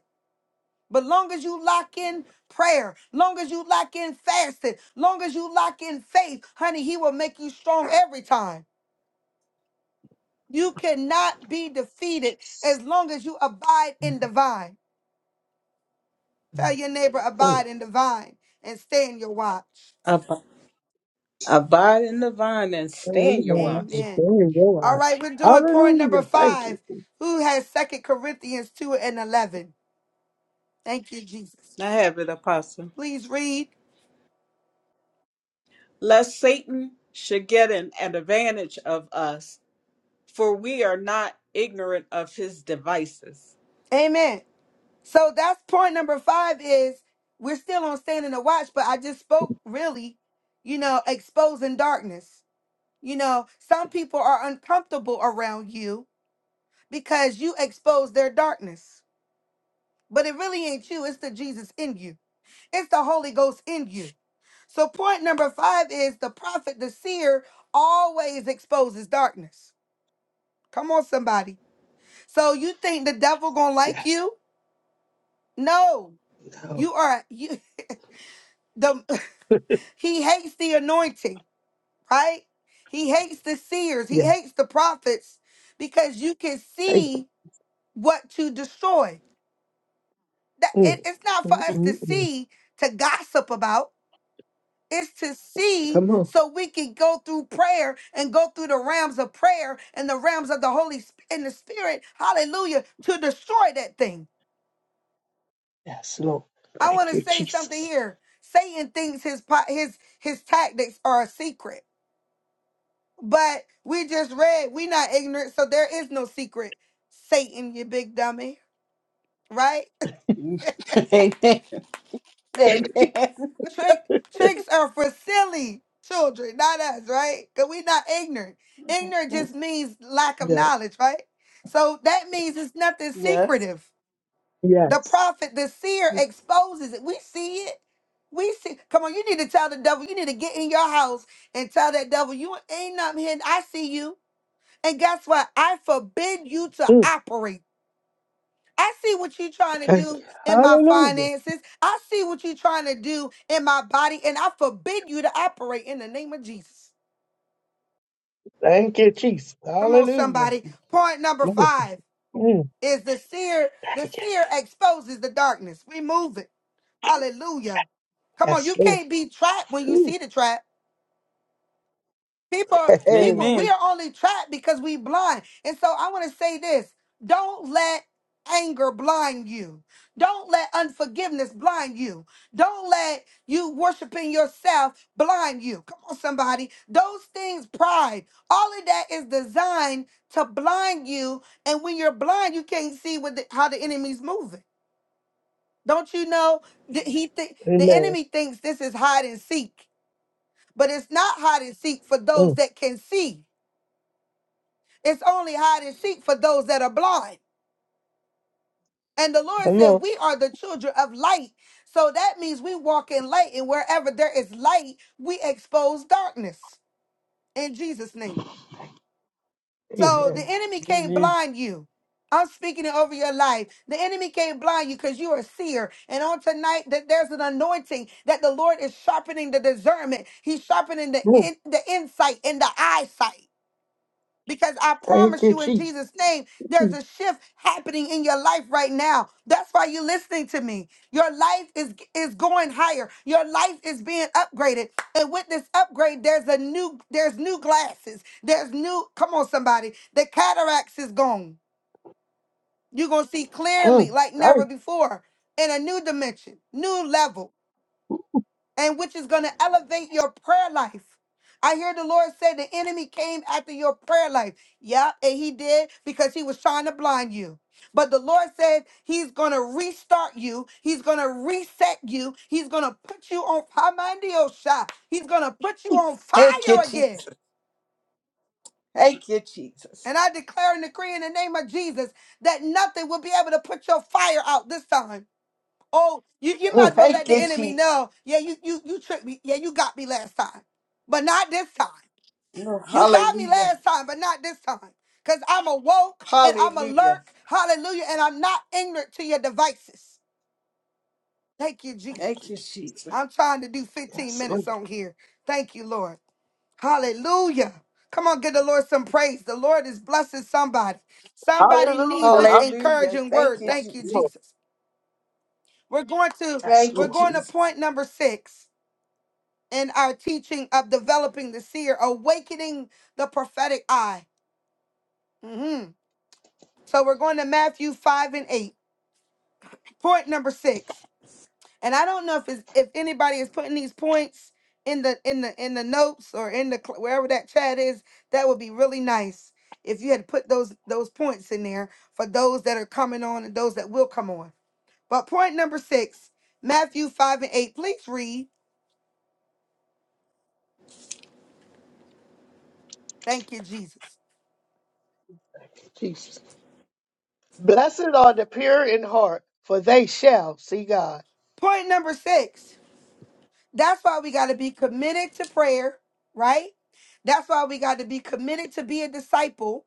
S1: But long as you lock in prayer, long as you lock in fasting, long as you lock in faith, honey, he will make you strong every time. You cannot be defeated as long as you abide in the vine. Tell your neighbor,
S4: mm.
S1: abide in the vine and stay in your watch.
S3: Ab- abide in the vine and stand your
S4: Amen.
S3: watch.
S4: It's
S1: Amen.
S4: all in your
S1: All
S4: eyes.
S1: right, we're doing point number
S4: Hallelujah. Thank you.
S1: five. Who has Second Corinthians 2 and 11? Thank you, Jesus.
S3: I have it, Apostle.
S1: Please read.
S3: Lest Satan should get an advantage of us, for we are not ignorant of his devices.
S1: Amen. So that's point number five is we're still on standing to watch, but I just spoke really, you know, exposing darkness. You know, some people are uncomfortable around you because you expose their darkness. But it really ain't you, it's the Jesus in you. It's the Holy Ghost in you. So point number five is the prophet, the seer, always exposes darkness. Come on, somebody. So you think the devil gonna like
S4: Yes.
S1: you? No.
S4: No.
S1: You are you [LAUGHS] the. He hates the anointing, right? He hates the seers. He
S4: Yeah.
S1: hates the prophets because you can
S4: Thank
S1: see what to destroy. That
S4: you.
S1: it- it's
S4: Mm,
S1: not for
S4: mm,
S1: us
S4: mm,
S1: to
S4: mm.
S1: see to gossip about. It's to see
S4: Come on.
S1: so we can go through prayer and go through the realms of prayer and the realms of the Holy Spirit and the Spirit, hallelujah, to destroy that thing.
S4: Yes, Lord.
S1: I want
S4: Thank
S1: to
S4: you,
S1: say something
S4: Jesus.
S1: here. Satan thinks his pot his his tactics are a secret. But we just read, we not ignorant, so there is no secret. Satan, you big dummy, right?
S3: [LAUGHS] Amen. Amen.
S1: [LAUGHS] Trick tricks are for silly children, not us, right? Because we not ignorant. Ignorant just means lack of
S4: Yeah.
S1: knowledge, right? So that means it's nothing
S3: Yes.
S1: secretive. The
S4: Yes.
S1: prophet, the seer exposes it. We see it. We see. Come on, you need to tell the devil. You need to get in your house and tell that devil, you ain't nothing here. I see you. And guess what? I forbid you to
S4: Mm.
S1: operate. I see what you're trying to
S4: Thank you.
S1: do in my
S4: Hallelujah.
S1: finances. I see what you're trying to do in my body, and I forbid you to operate in the name of Jesus.
S4: Thank you, Jesus.
S1: Come on,
S4: Hallelujah.
S1: somebody. Point number
S4: Lord.
S1: five
S4: Mm.
S1: is the seer.
S4: Thank
S1: The
S4: you, Jesus.
S1: seer exposes the darkness. Remove it. Hallelujah. Come on,
S4: Yes,
S1: you
S4: Lord.
S1: can't be trapped when you
S4: Whew.
S1: see
S4: [LAUGHS]
S1: the trap. People, are-
S4: Hey.
S1: people, we
S3: Amen.
S1: are only trapped because we blind. And so I want to say this: don't let anger blind you. Don't let unforgiveness blind you. Don't let you worshiping yourself blind you. Come on, somebody. Those things, pride, all of that is designed to blind you. And when you're blind, you can't see what the, how the enemy's moving. Don't you know that he think the
S4: Amen.
S1: enemy thinks this is hide and seek, but it's not hide and seek for those
S4: Mm.
S1: that can see. It's only hide and seek for those that are blind. And the Lord
S4: Come
S1: said,
S4: on.
S1: We are the children of light. So that means we walk in light, and wherever there is light, we expose darkness in Jesus' name. So the
S4: Amen.
S1: enemy can't
S3: Amen.
S1: blind you. I'm speaking it over your life. The enemy can't blind you because you are a seer. And on tonight, that there's an anointing that the Lord is sharpening the discernment. He's sharpening the in, the insight and the eyesight. Because I
S4: Thank
S1: promise
S4: you,
S1: you in
S4: Jesus.
S1: Jesus' name,
S4: Mm,
S1: there's a shift happening in your life right now. That's why you're listening to me. Your life is, is going higher. Your life is being upgraded. And with this upgrade, there's a new, there's new glasses. There's new, come on, somebody. The cataracts is gone. You're gonna see clearly
S4: mm,
S1: like never
S4: thank,
S1: before in a new dimension, new level and which is going to elevate your prayer life. I hear the Lord say the enemy came after your prayer life. Yeah, and he did because he was trying to blind you. But the Lord said he's going to restart you. He's going to reset you. He's going to put you on Hamandiosha. He's going to put you on
S3: Thank you,
S1: fire again.
S3: Jesus. Thank you, Jesus.
S1: And I declare and decree in the name of Jesus that nothing will be able to put your fire out this time. Oh, you, you might
S4: mm,
S1: as well let
S3: Thank
S1: the
S3: you,
S1: enemy
S3: Jesus.
S1: know. Yeah, you you you tricked me. Yeah, you got me last time, but not this time. You got me
S3: Hallelujah.
S1: last time, but not this time. Cause I'm awoke and I'm alert.
S3: Hallelujah.
S1: Hallelujah. And I'm not ignorant to your devices. Thank you,
S4: thank
S3: Thank
S4: you,
S1: Jesus.
S3: you,
S4: Jesus.
S3: Jesus.
S1: I'm trying to do 15
S4: Yes, Lord.
S1: minutes on here. Thank you, Lord. Hallelujah. Come on, give the Lord some praise. The Lord is blessing somebody. Somebody needs
S4: Hallelujah.
S1: this
S4: huh?
S3: Hallelujah.
S1: encouraging
S3: Thank
S1: word.
S3: you,
S4: Yes,
S1: Thank you,
S3: Jesus.
S4: Lord.
S1: Jesus. We're going to
S4: Yes,
S3: Thank
S1: we're
S3: you,
S4: Lord.
S1: going to
S3: Jesus.
S1: point number six. in our teaching of developing the seer, awakening the prophetic eye. Mhm. So we're going to Matthew 5 and 8. Point number six. And I don't know if it's, if anybody is putting these points in the in the in the notes or in the cl- wherever that chat is, that would be really nice if you had put those those points in there for those that are coming on and those that will come on. But point number six, Matthew 5 and 8, please read. Thank you, Jesus.
S4: Thank you, Jesus. Blessed are the pure in heart, for they shall see God.
S1: Point number six. That's why we got to be committed to prayer, right? That's why we got to be committed to be a disciple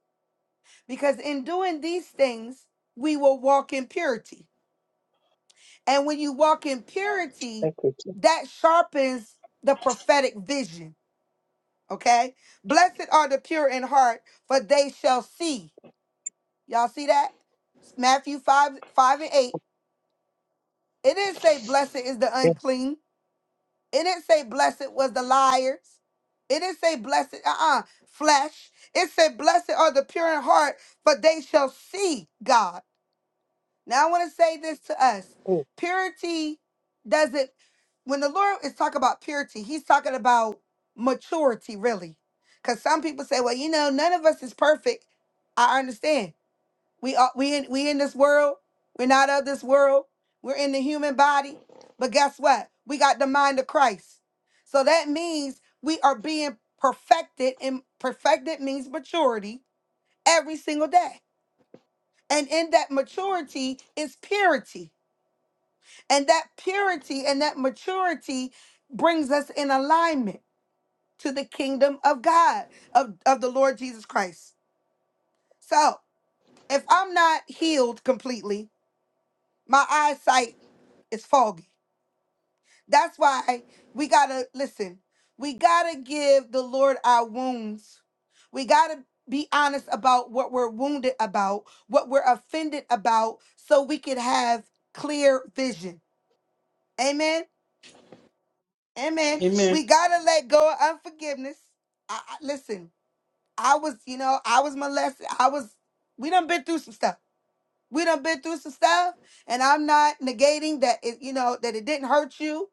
S1: because in doing these things, we will walk in purity. And when you walk in purity,
S4: Thank you, Jesus.
S1: that sharpens the prophetic vision, okay? Blessed are the pure in heart, for they shall see. Y'all see that? Matthew 5 5 and 8. It didn't say blessed is the
S4: Yes.
S1: unclean. It didn't say blessed was the liars. It didn't say blessed, uh-uh, flesh. It said blessed are the pure in heart, for they shall see God. Now I want to say this to us.
S4: Mm,
S1: Purity doesn't, when the Lord is talking about purity, he's talking about maturity, really. Because some people say, well, you know, none of us is perfect. I understand. We are we in we in this world. We're not of this world. We're in the human body. But guess what? We got the mind of Christ. So that means we are being perfected, and perfected means maturity every single day. And in that maturity is purity. And that purity and that maturity brings us in alignment to the kingdom of God, of, of the Lord Jesus Christ. So if I'm not healed completely, my eyesight It's foggy. That's why we gotta listen. We gotta give the Lord our wounds. We gotta be honest about what we're wounded about, what we're offended about, so we can have clear vision. Amen. Amen.
S4: yes.
S3: Amen.
S1: We gotta let go of unforgiveness. I, I- listen, I was, you know, I was molested. I was. We done been through some stuff. We done been through some stuff, and I'm not negating that. It, you know, that it didn't hurt you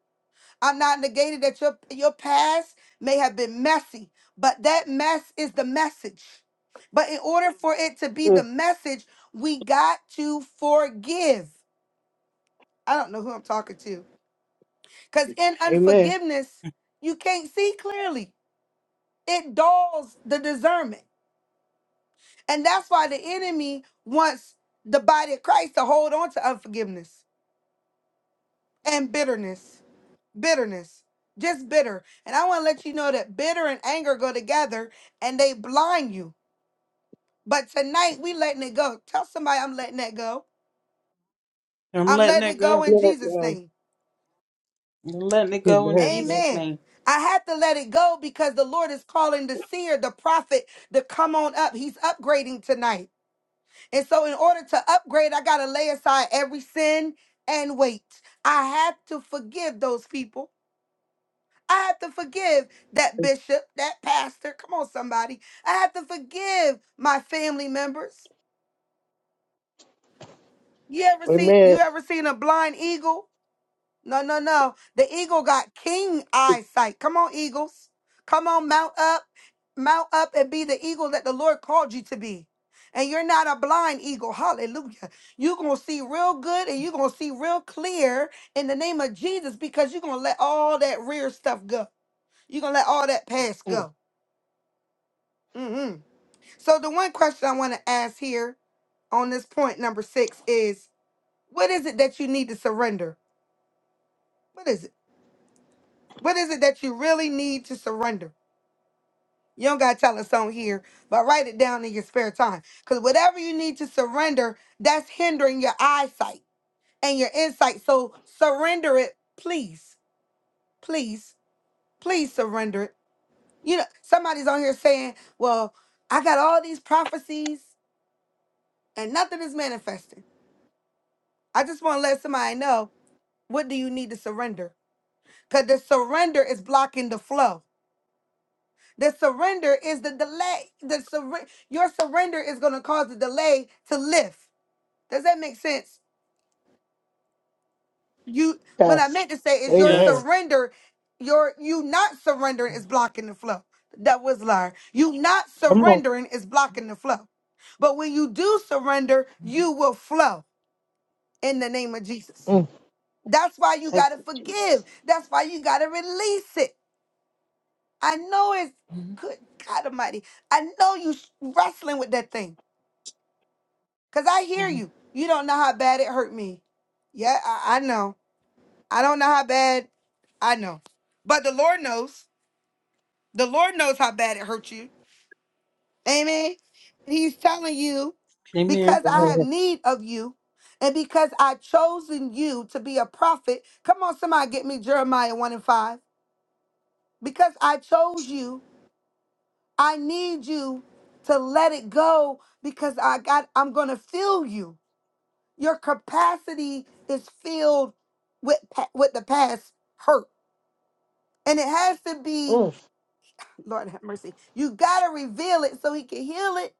S1: I'm not negating that your your past may have been messy, but that mess is the message. But in order for it to be the
S4: Mm,
S1: message, we got to forgive. I don't know who I'm talking to. Because in
S4: amen.
S1: unforgiveness, you can't see clearly. It dulls the discernment. And that's why the enemy wants the body of Christ to hold on to unforgiveness and bitterness. bitterness just bitter and i want to let you know that bitter and anger go together and they blind you but tonight we letting it go tell somebody i'm letting that go
S3: I'm
S1: i'm
S3: letting
S1: letting
S3: it
S1: it go
S3: go.
S1: in
S4: Yes,
S1: jesus
S4: yes.
S1: name
S3: I'm letting it go in
S4: Amen.
S3: Jesus'
S4: yes.
S1: amen
S3: name.
S1: I had to let it go because the Lord is calling the seer, the prophet, to come on up. He's upgrading tonight. And so, in order to upgrade, I got to lay aside every sin and wait. I had to forgive those people. I have to forgive that bishop, that pastor. Come on, somebody. I have to forgive my family members. You ever seen
S4: Amen.
S1: you ever seen a blind eagle? No, no, no. The eagle got king eyesight. Come on, eagles. Come on, mount up. Mount up and be the eagle that the Lord called you to be. And you're not a blind eagle. Hallelujah. You're going to see real good and you're going to see real clear in the name of Jesus because you're going to let all that rear stuff go. You're going to let all that past
S4: Mm,
S1: go. Mhm. So the one question I want to ask here on this point number six is what is it that you need to surrender? What is it? What is it that you really need to surrender? You don't gotta tell us on here, but write it down in your spare time. Cause whatever you need to surrender, that's hindering your eyesight and your insight. So surrender it, please. Please, please surrender it. You know, somebody's on here saying, Well, I got all these prophecies and nothing is manifesting. I just want to let somebody know What do you need to surrender? Because the surrender is blocking the flow. The surrender is the delay. The surre- your surrender is going to cause the delay to lift. Does that make sense? You what I
S4: yes.
S1: meant to say is your
S4: Amen.
S3: Yes.
S1: surrender, your you not surrendering is blocking the flow. That was liar. You not
S4: Come on.
S1: surrendering is blocking the flow. But when you do surrender, you will flow in the name of Jesus.
S4: Mm,
S1: That's why you
S4: thank
S1: got to
S4: you,
S1: forgive.
S4: Jesus.
S1: That's why you got to release it. I know it's
S3: Mhm.
S1: good God Almighty. I know you s- wrestling with that thing. Cause I hear
S3: Mhm.
S1: you. You don't know how bad it hurt me. Yeah, I, I know. I don't know how bad I know. But the Lord knows. The Lord knows how bad it hurt you. Amen. And He's telling you,
S3: Amen.
S1: because I have
S4: Amen.
S1: need of you, and because I chosen you to be a prophet. Come on, somebody get me Jeremiah 1 and 5. Because I chose you I need you to let it go because I got I'm going to fill you. Your capacity is filled with pa- with the past hurt. And it has to be
S4: Mm,
S1: Lord have mercy. You got to reveal it so he can heal it.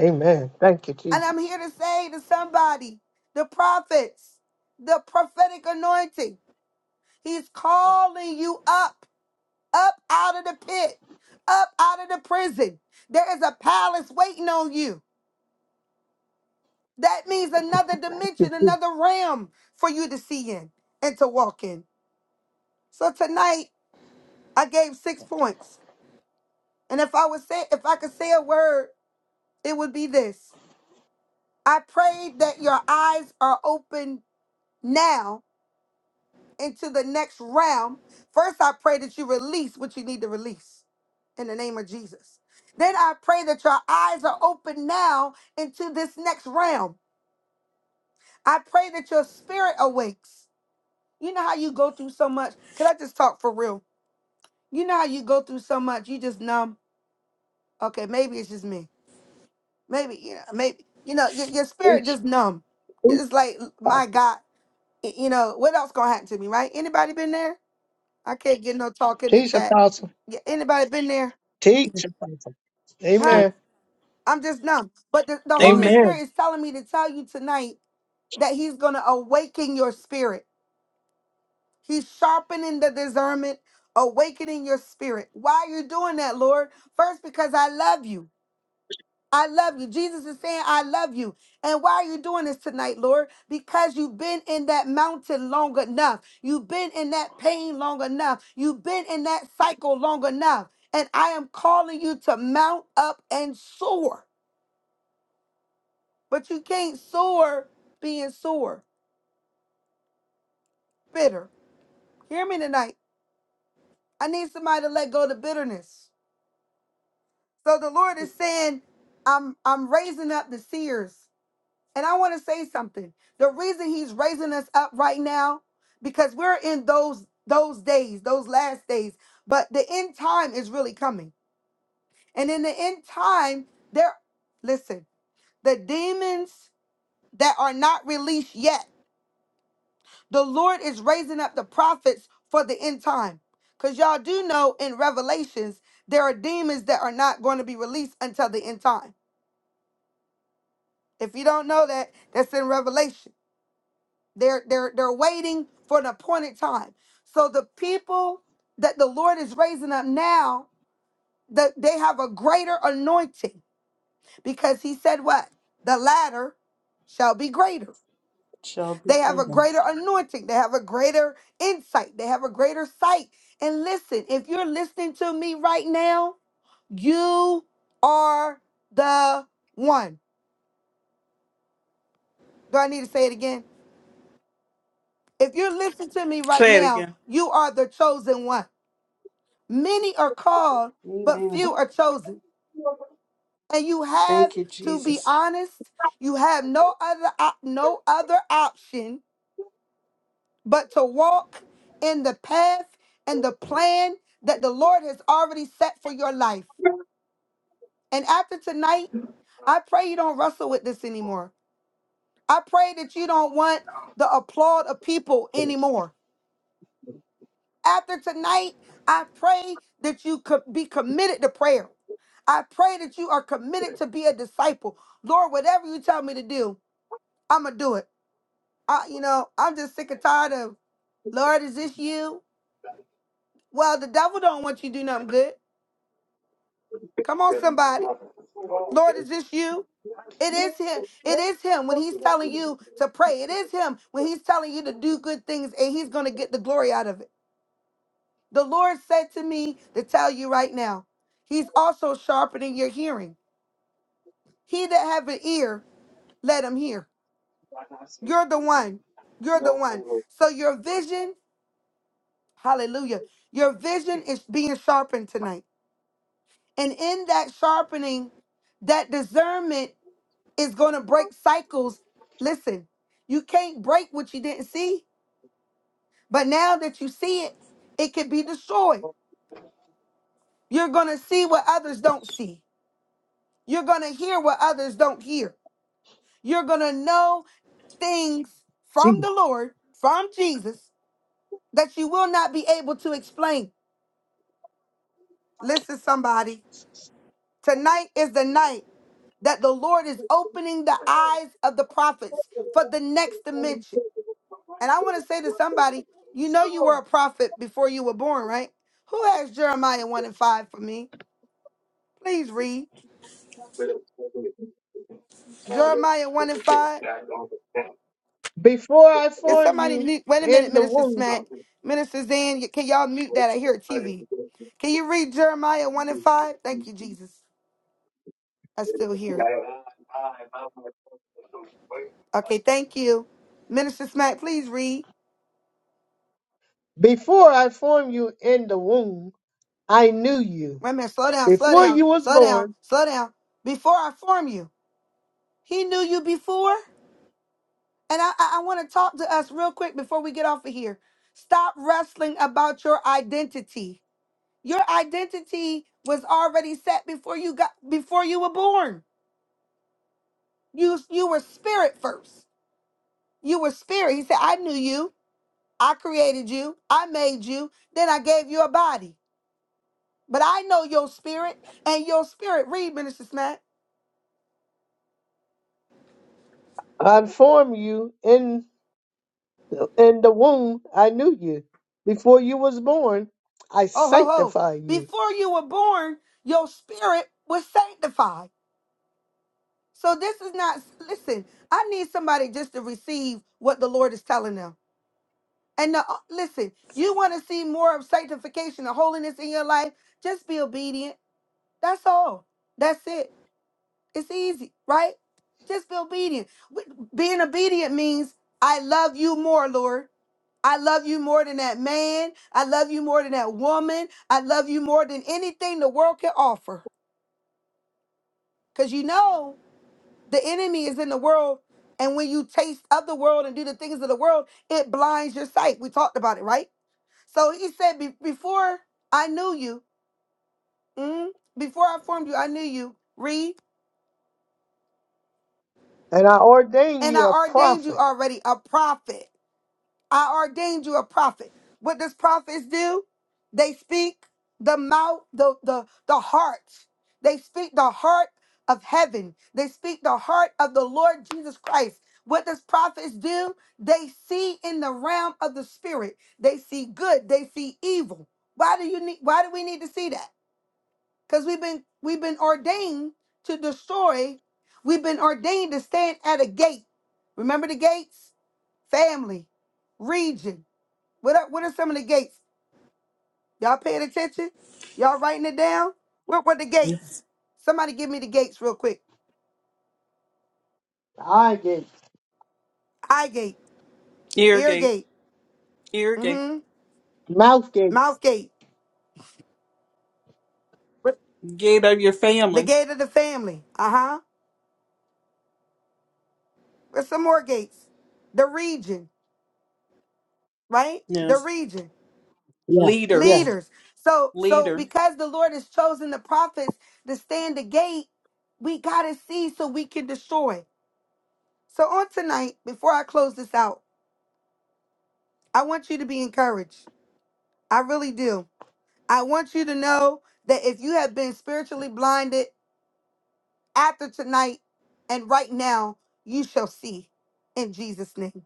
S4: amen. Thank you,
S1: And I'm
S4: Jesus.
S1: here to say to somebody, the prophets, the prophetic anointing. He's calling you up, up out of the pit, up out of the prison. There is a palace waiting on you. That means another
S4: You-
S1: dimension,
S4: you
S1: another realm for you to see in and to walk in. So tonight I gave six points. And if I was say if I could say a word, it would be this. I prayed that your eyes are open now into the next realm. First, I pray that you release what you need to release in the name of Jesus. Then I pray that your eyes are open now into this next realm. I pray that your spirit awakes. You know how you go through so much? Could I just talk for real? You know how you go through so much, you just numb. Okay, maybe it's just me. Maybe you know, maybe you know, your, your spirit
S4: Teach,
S1: just numb. It's
S4: teach,
S1: just like, my God, y- you know, what else gonna happen to me, right? Anybody been there? I can't get no talk in the
S4: teach,
S1: chat.
S4: apostle.
S1: Yeah, Anybody been there?
S4: Teach. Apostle.
S1: Huh?
S3: Yes.
S4: Amen.
S1: I'm just numb. But the, the Holy
S3: Amen.
S4: Amen.
S1: Spirit is telling me to tell you tonight that He's gonna awaken your spirit. He's sharpening the discernment, awakening your spirit. Why are you doing that, Lord? First, because I love you. I love you. Jesus is saying, I love you. And why are you doing this tonight, Lord? Because you've been in that mountain long enough. You've been in that pain long enough. You've been in that cycle long enough. And I am calling you to mount up and soar. But you can't soar being sore, bitter. Hear me tonight. I need somebody to let go of the bitterness. So the Lord is saying, I'm I'm raising up the seers. And I want to say something. The reason he's raising us up right now, because we're in those those days, those last days. But the end time is really coming. And in the end time, there listen, the demons that are not released yet, the Lord is raising up the prophets for the end time. Because y'all do know in Revelations, there are demons that are not going to be released until the end time. If you don't know that, that's in Revelation. They're they're they're waiting for an appointed time. So the people that the Lord is raising up now, that they have a greater anointing because he said what? The latter shall be greater.
S3: Shall be
S1: They have a
S3: given.
S1: greater anointing. They have a greater insight. They have a greater sight. And listen, if you're listening to me right now, you are the one. Do I need to say it again? If you're listening to me right
S3: Say it
S1: now,
S3: again.
S1: you are the chosen one. Many are called, but
S3: Amen.
S1: few are chosen. And you have
S3: Thank you,
S1: to be
S3: Jesus.
S1: honest. You have no other op- no other option but to walk in the path and the plan that the Lord has already set for your life. And after tonight, I pray you don't wrestle with this anymore. I pray that you don't want the applaud of people anymore. After tonight, I pray that you could be committed to prayer. I pray that you are committed to be a disciple. Lord, whatever you tell me to do, I'm gonna do it. I, you know, I'm just sick and tired of Lord, is this you? Well, the devil don't want you to do nothing good. Come on, somebody. Lord, is this you? It is him. It is him when he's telling you to pray. It is him when he's telling you to do good things and he's going to get the glory out of it. The Lord said to me to tell you right now, He's also sharpening your hearing. He that have an ear, let him hear. You're the one. You're the one. So your vision, hallelujah, your vision is being sharpened tonight. And in that sharpening, that discernment is going to break cycles. Listen, you can't break what you didn't see, but now that you see it, it can be destroyed. You're going to see what others don't see. You're going to hear what others don't hear You're going to know things from
S4: Jesus.
S1: the Lord, from Jesus, that you will not be able to explain. Listen, somebody, tonight is the night that the Lord is opening the eyes of the prophets for the next dimension. And I want to say to somebody, you know, you were a prophet before you were born, right? Who has Jeremiah 1 and 5 for me? Please read. Jeremiah 1 and 5.
S4: Before I
S1: Is
S4: formed
S1: somebody
S4: you
S1: mute? Wait a minute,
S4: in the
S1: Minister
S4: womb,
S1: Smack. Minister Zan, y- can y'all mute that? I hear a TV. Can you read Jeremiah 1 and 5? Thank you, Jesus. I still hear it. Okay, thank you. Minister Smack, please read.
S4: before I formed you in the womb, I knew you.
S1: Wait a minute, slow down, slow
S4: Before
S1: down,
S4: you was
S1: slow down,
S4: born,
S1: slow down. Before I form you, he knew you before. And I, I, I want to talk to us real quick before we get off of here. Stop wrestling about your identity. Your identity was already set before you got before you were born. You you were spirit first. You were spirit. He said, I knew you. I created you. I made you. Then I gave you a body. But I know your spirit and your spirit. Read, Minister Smack.
S4: I formed you in in the womb. I knew you. Before you was born, I
S1: Oh ho ho.
S4: sanctify you,
S1: Before you were born, your spirit was sanctified. So this is not listen, I need somebody just to receive what the Lord is telling them. And now, uh, listen, you want to see more of sanctification and holiness in your life? Just be obedient. That's all. That's it. It's easy, right? Just be obedient. W- Being obedient means I love you more, Lord. I love you more than that man. I love you more than that woman. I love you more than anything the world can offer. Because you know the enemy is in the world. And when you taste of the world and do the things of the world, it blinds your sight. We talked about it, right? So he said, "Be- Before I knew you, mm, before I formed you, I knew you. Read,
S4: and I ordain
S1: and
S4: you
S1: I
S4: a
S1: ordained you
S4: prophet.
S1: already a prophet. I ordained you a prophet. What does prophets do? They speak the mouth, the the the heart. They speak the heart of heaven. They speak the heart of the Lord Jesus Christ. What does prophets do? They see in the realm of the spirit. They see good. They see evil. Why do you need why do we need to see that? Because we've been we've been ordained to destroy. We've been ordained to stand at a gate. Remember the gates? Family, region, what are, what are some of the gates? Y'all paying attention? Y'all writing it down? What were the
S3: Yeah.
S1: gates? Somebody give me the gates real quick.
S4: Eye gates,
S1: Eye gate, ear
S3: Irrigate.
S1: gate,
S3: Irrigate.
S1: mm-hmm,
S4: mouth gates.
S1: mouth gate, What-
S3: Gate of your
S1: the
S3: family.
S1: gate of the family. Uh-huh. There's some more gates. The region, right? The
S3: Yes.
S1: region.
S4: Yeah,
S3: Leaders.
S4: yeah.
S1: Leaders. So so
S3: leader.
S1: because the Lord has chosen the prophets to stand the gate, we gotta see so we can destroy. So on tonight, before I close this out, I want you to be encouraged. I really do. I want you to know that if you have been spiritually blinded after tonight and right now, you shall see in Jesus' name.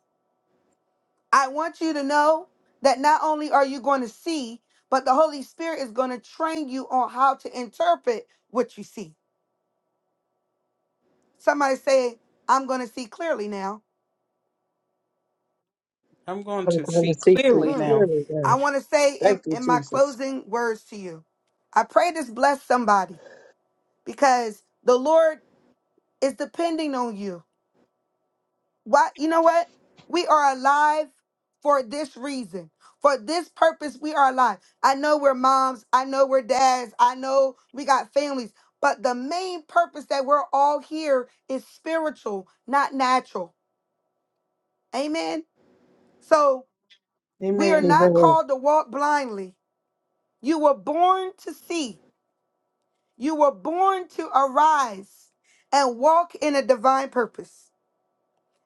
S1: I want you to know that not only are you going to see, but the Holy Spirit is going to train you on how to interpret what you see. Somebody say, I'm going to see clearly now.
S3: I'm going
S4: I'm
S3: to
S4: trying
S3: see
S4: to see through
S3: clearly
S1: Mhm.
S3: now.
S4: clearly
S1: I
S4: now.
S1: want to say
S4: Thank
S1: in,
S4: you,
S1: in my
S4: Jesus.
S1: closing words to you, I pray this bless somebody because the Lord is depending on you. Why? You know what? We are alive for this reason. For this purpose, we are alive. I know we're moms. I know we're dads. I know we got families. But the main purpose that we're all here is spiritual, not natural. Amen. So we are
S3: Amen.
S1: not
S4: Amen.
S1: called to walk blindly. You were born to see, you were born to arise and walk in a divine purpose.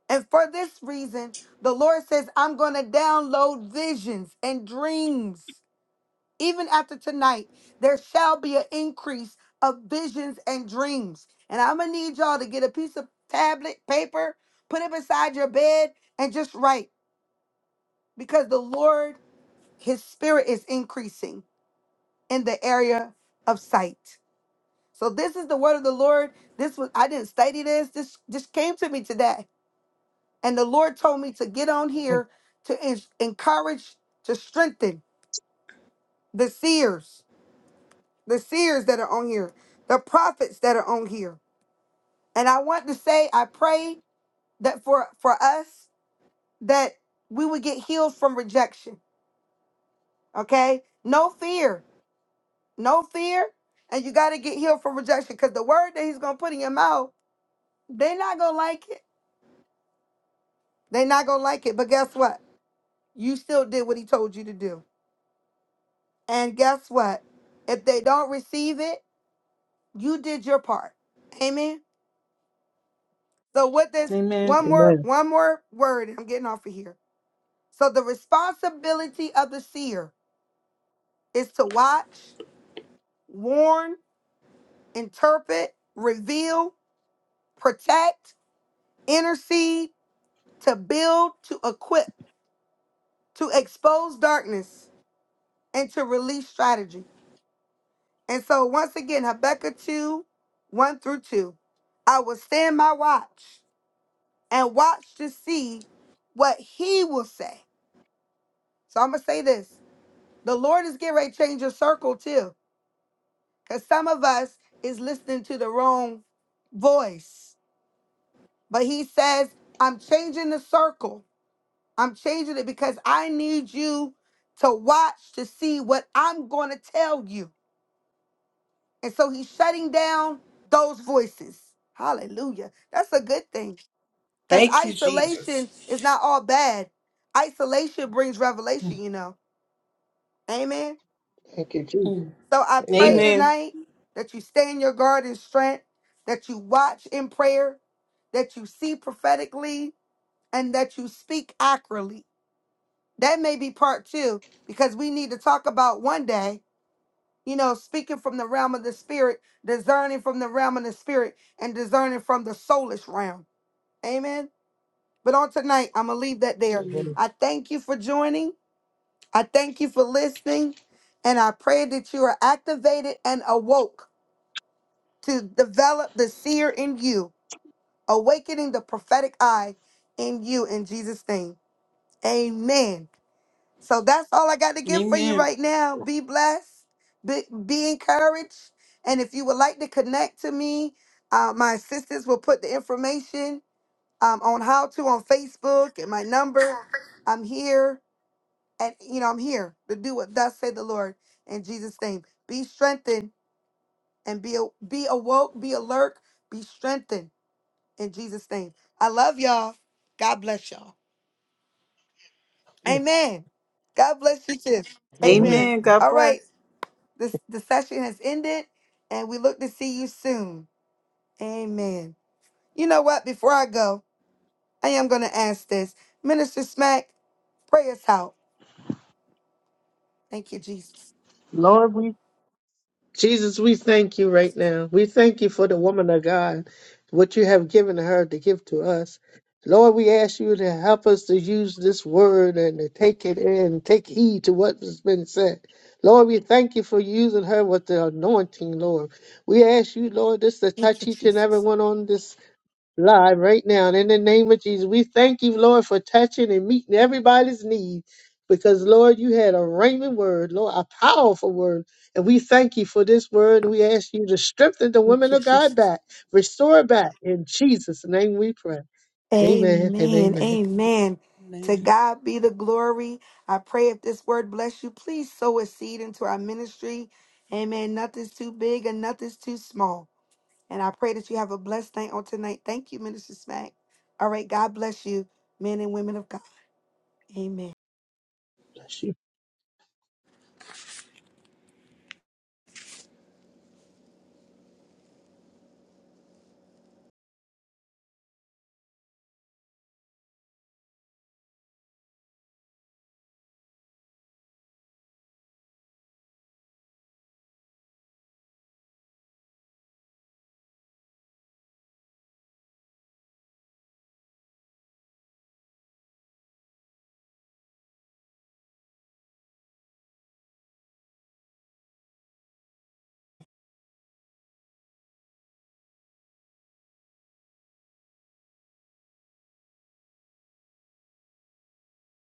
S1: And for this reason, the Lord says, I'm going to download visions and dreams. Even after tonight, there shall be an increase of visions and dreams. And I'm going to need y'all to get a piece of tablet, paper, put it beside your bed, and just write because the Lord, His Spirit is increasing in the area of sight. So this is the word of the Lord. This was I didn't study this. This just came to me today. And the Lord told me to get on
S4: Thank-
S1: here to en- encourage, to strengthen the seers, the seers that are on here, the prophets that are on here. And I want to say, I pray that for for us that we would get healed from rejection. Okay, no fear, no fear, and you got to get healed from rejection because the word that He's gonna put in your mouth, they're not gonna like it. They're not gonna like it. But guess what? You still did what He told you to do. And guess what? If they don't receive it, you did your part. Amen. So with this
S3: Amen.
S1: one more
S4: Amen.
S1: one more word, and I'm getting off of here. So the responsibility of the seer is to watch, warn, interpret, reveal, protect, intercede, to build, to equip, to expose darkness, and to release strategy. And so once again, Habakkuk 2, 1 through 2. I will stand my watch and watch to see what he will say. So I'm gonna say this: the Lord is getting ready to change your circle too, because some of us is listening to the wrong voice. But he says, I'm changing the circle. I'm changing it because I need you to watch to see what I'm gonna tell you. And so he's shutting down those voices. Hallelujah. That's a good thing. Because
S3: Thank you,
S1: isolation is
S3: Jesus.
S1: not all bad. Isolation brings revelation, you know. Amen.
S4: Thank you, Jesus.
S3: Mm.
S1: So I pray
S4: Amen.
S3: Amen.
S1: tonight that you stay in your guard and strength, that you watch in prayer, that you see prophetically, and that you speak accurately. That may be part two, because we need to talk about one day, you know, speaking from the realm of the spirit, discerning from the realm of the spirit, and discerning from the soulish realm. Amen. But on tonight, I'm going to leave that there.
S3: Mm.
S4: Amen.
S1: I thank you for joining. I thank you for listening. And I pray that you are activated and awoke to develop the seer in you, awakening the prophetic eye in you in Jesus' name. Amen. So that's all I got to give for you
S3: Amen.
S1: right now. Be blessed, be, be encouraged. And if you would like to connect to me, uh, my assistants will put the information um, on how to on Facebook and my number. I'm here. And, you know, I'm here to do what thus said the Lord in Jesus' name. Be strengthened and be, a- be awoke, be alert, be strengthened in Jesus' name. I love y'all. God bless y'all.
S4: Yeah.
S1: Amen. God bless you too.
S4: Amen.
S1: Amen.
S3: Amen. God
S1: All
S3: bless.
S1: right. This the session has ended and we look to see you soon. Amen. You know what? Before I go, I am gonna ask this. Minister Smack, pray us out. Thank you, Jesus.
S4: Lord, we Jesus, we thank you right now. We thank you for the woman of God, what you have given her to give to us. Lord, we ask you to help us to use this word and to take it in, take heed to what has been said. Lord, we thank you for using her with the anointing, Lord. We ask you, Lord, just to
S1: Thank
S4: touch
S1: you,
S4: each and every
S1: Jesus.
S4: one on this live right now. And in the name of Jesus, we thank you, Lord, for touching and meeting everybody's need. Because, Lord, you had a rhema word, Lord, a powerful word. And we thank you for this word. And we ask you to strengthen the
S1: Thank
S4: women
S1: you,
S4: of God
S1: Jesus.
S4: back, restore back. In Jesus' name we pray. Amen and
S1: Amen.
S4: amen.
S1: Amen. To
S3: Amen.
S1: God be the glory. I pray if this word bless you, please sow a seed into our ministry. Amen. Nothing's too big and nothing's too small. And I pray that you have a blessed night on tonight. Thank you, Minister Smack. All right. God bless you, men and women of God. Amen.
S4: Bless you.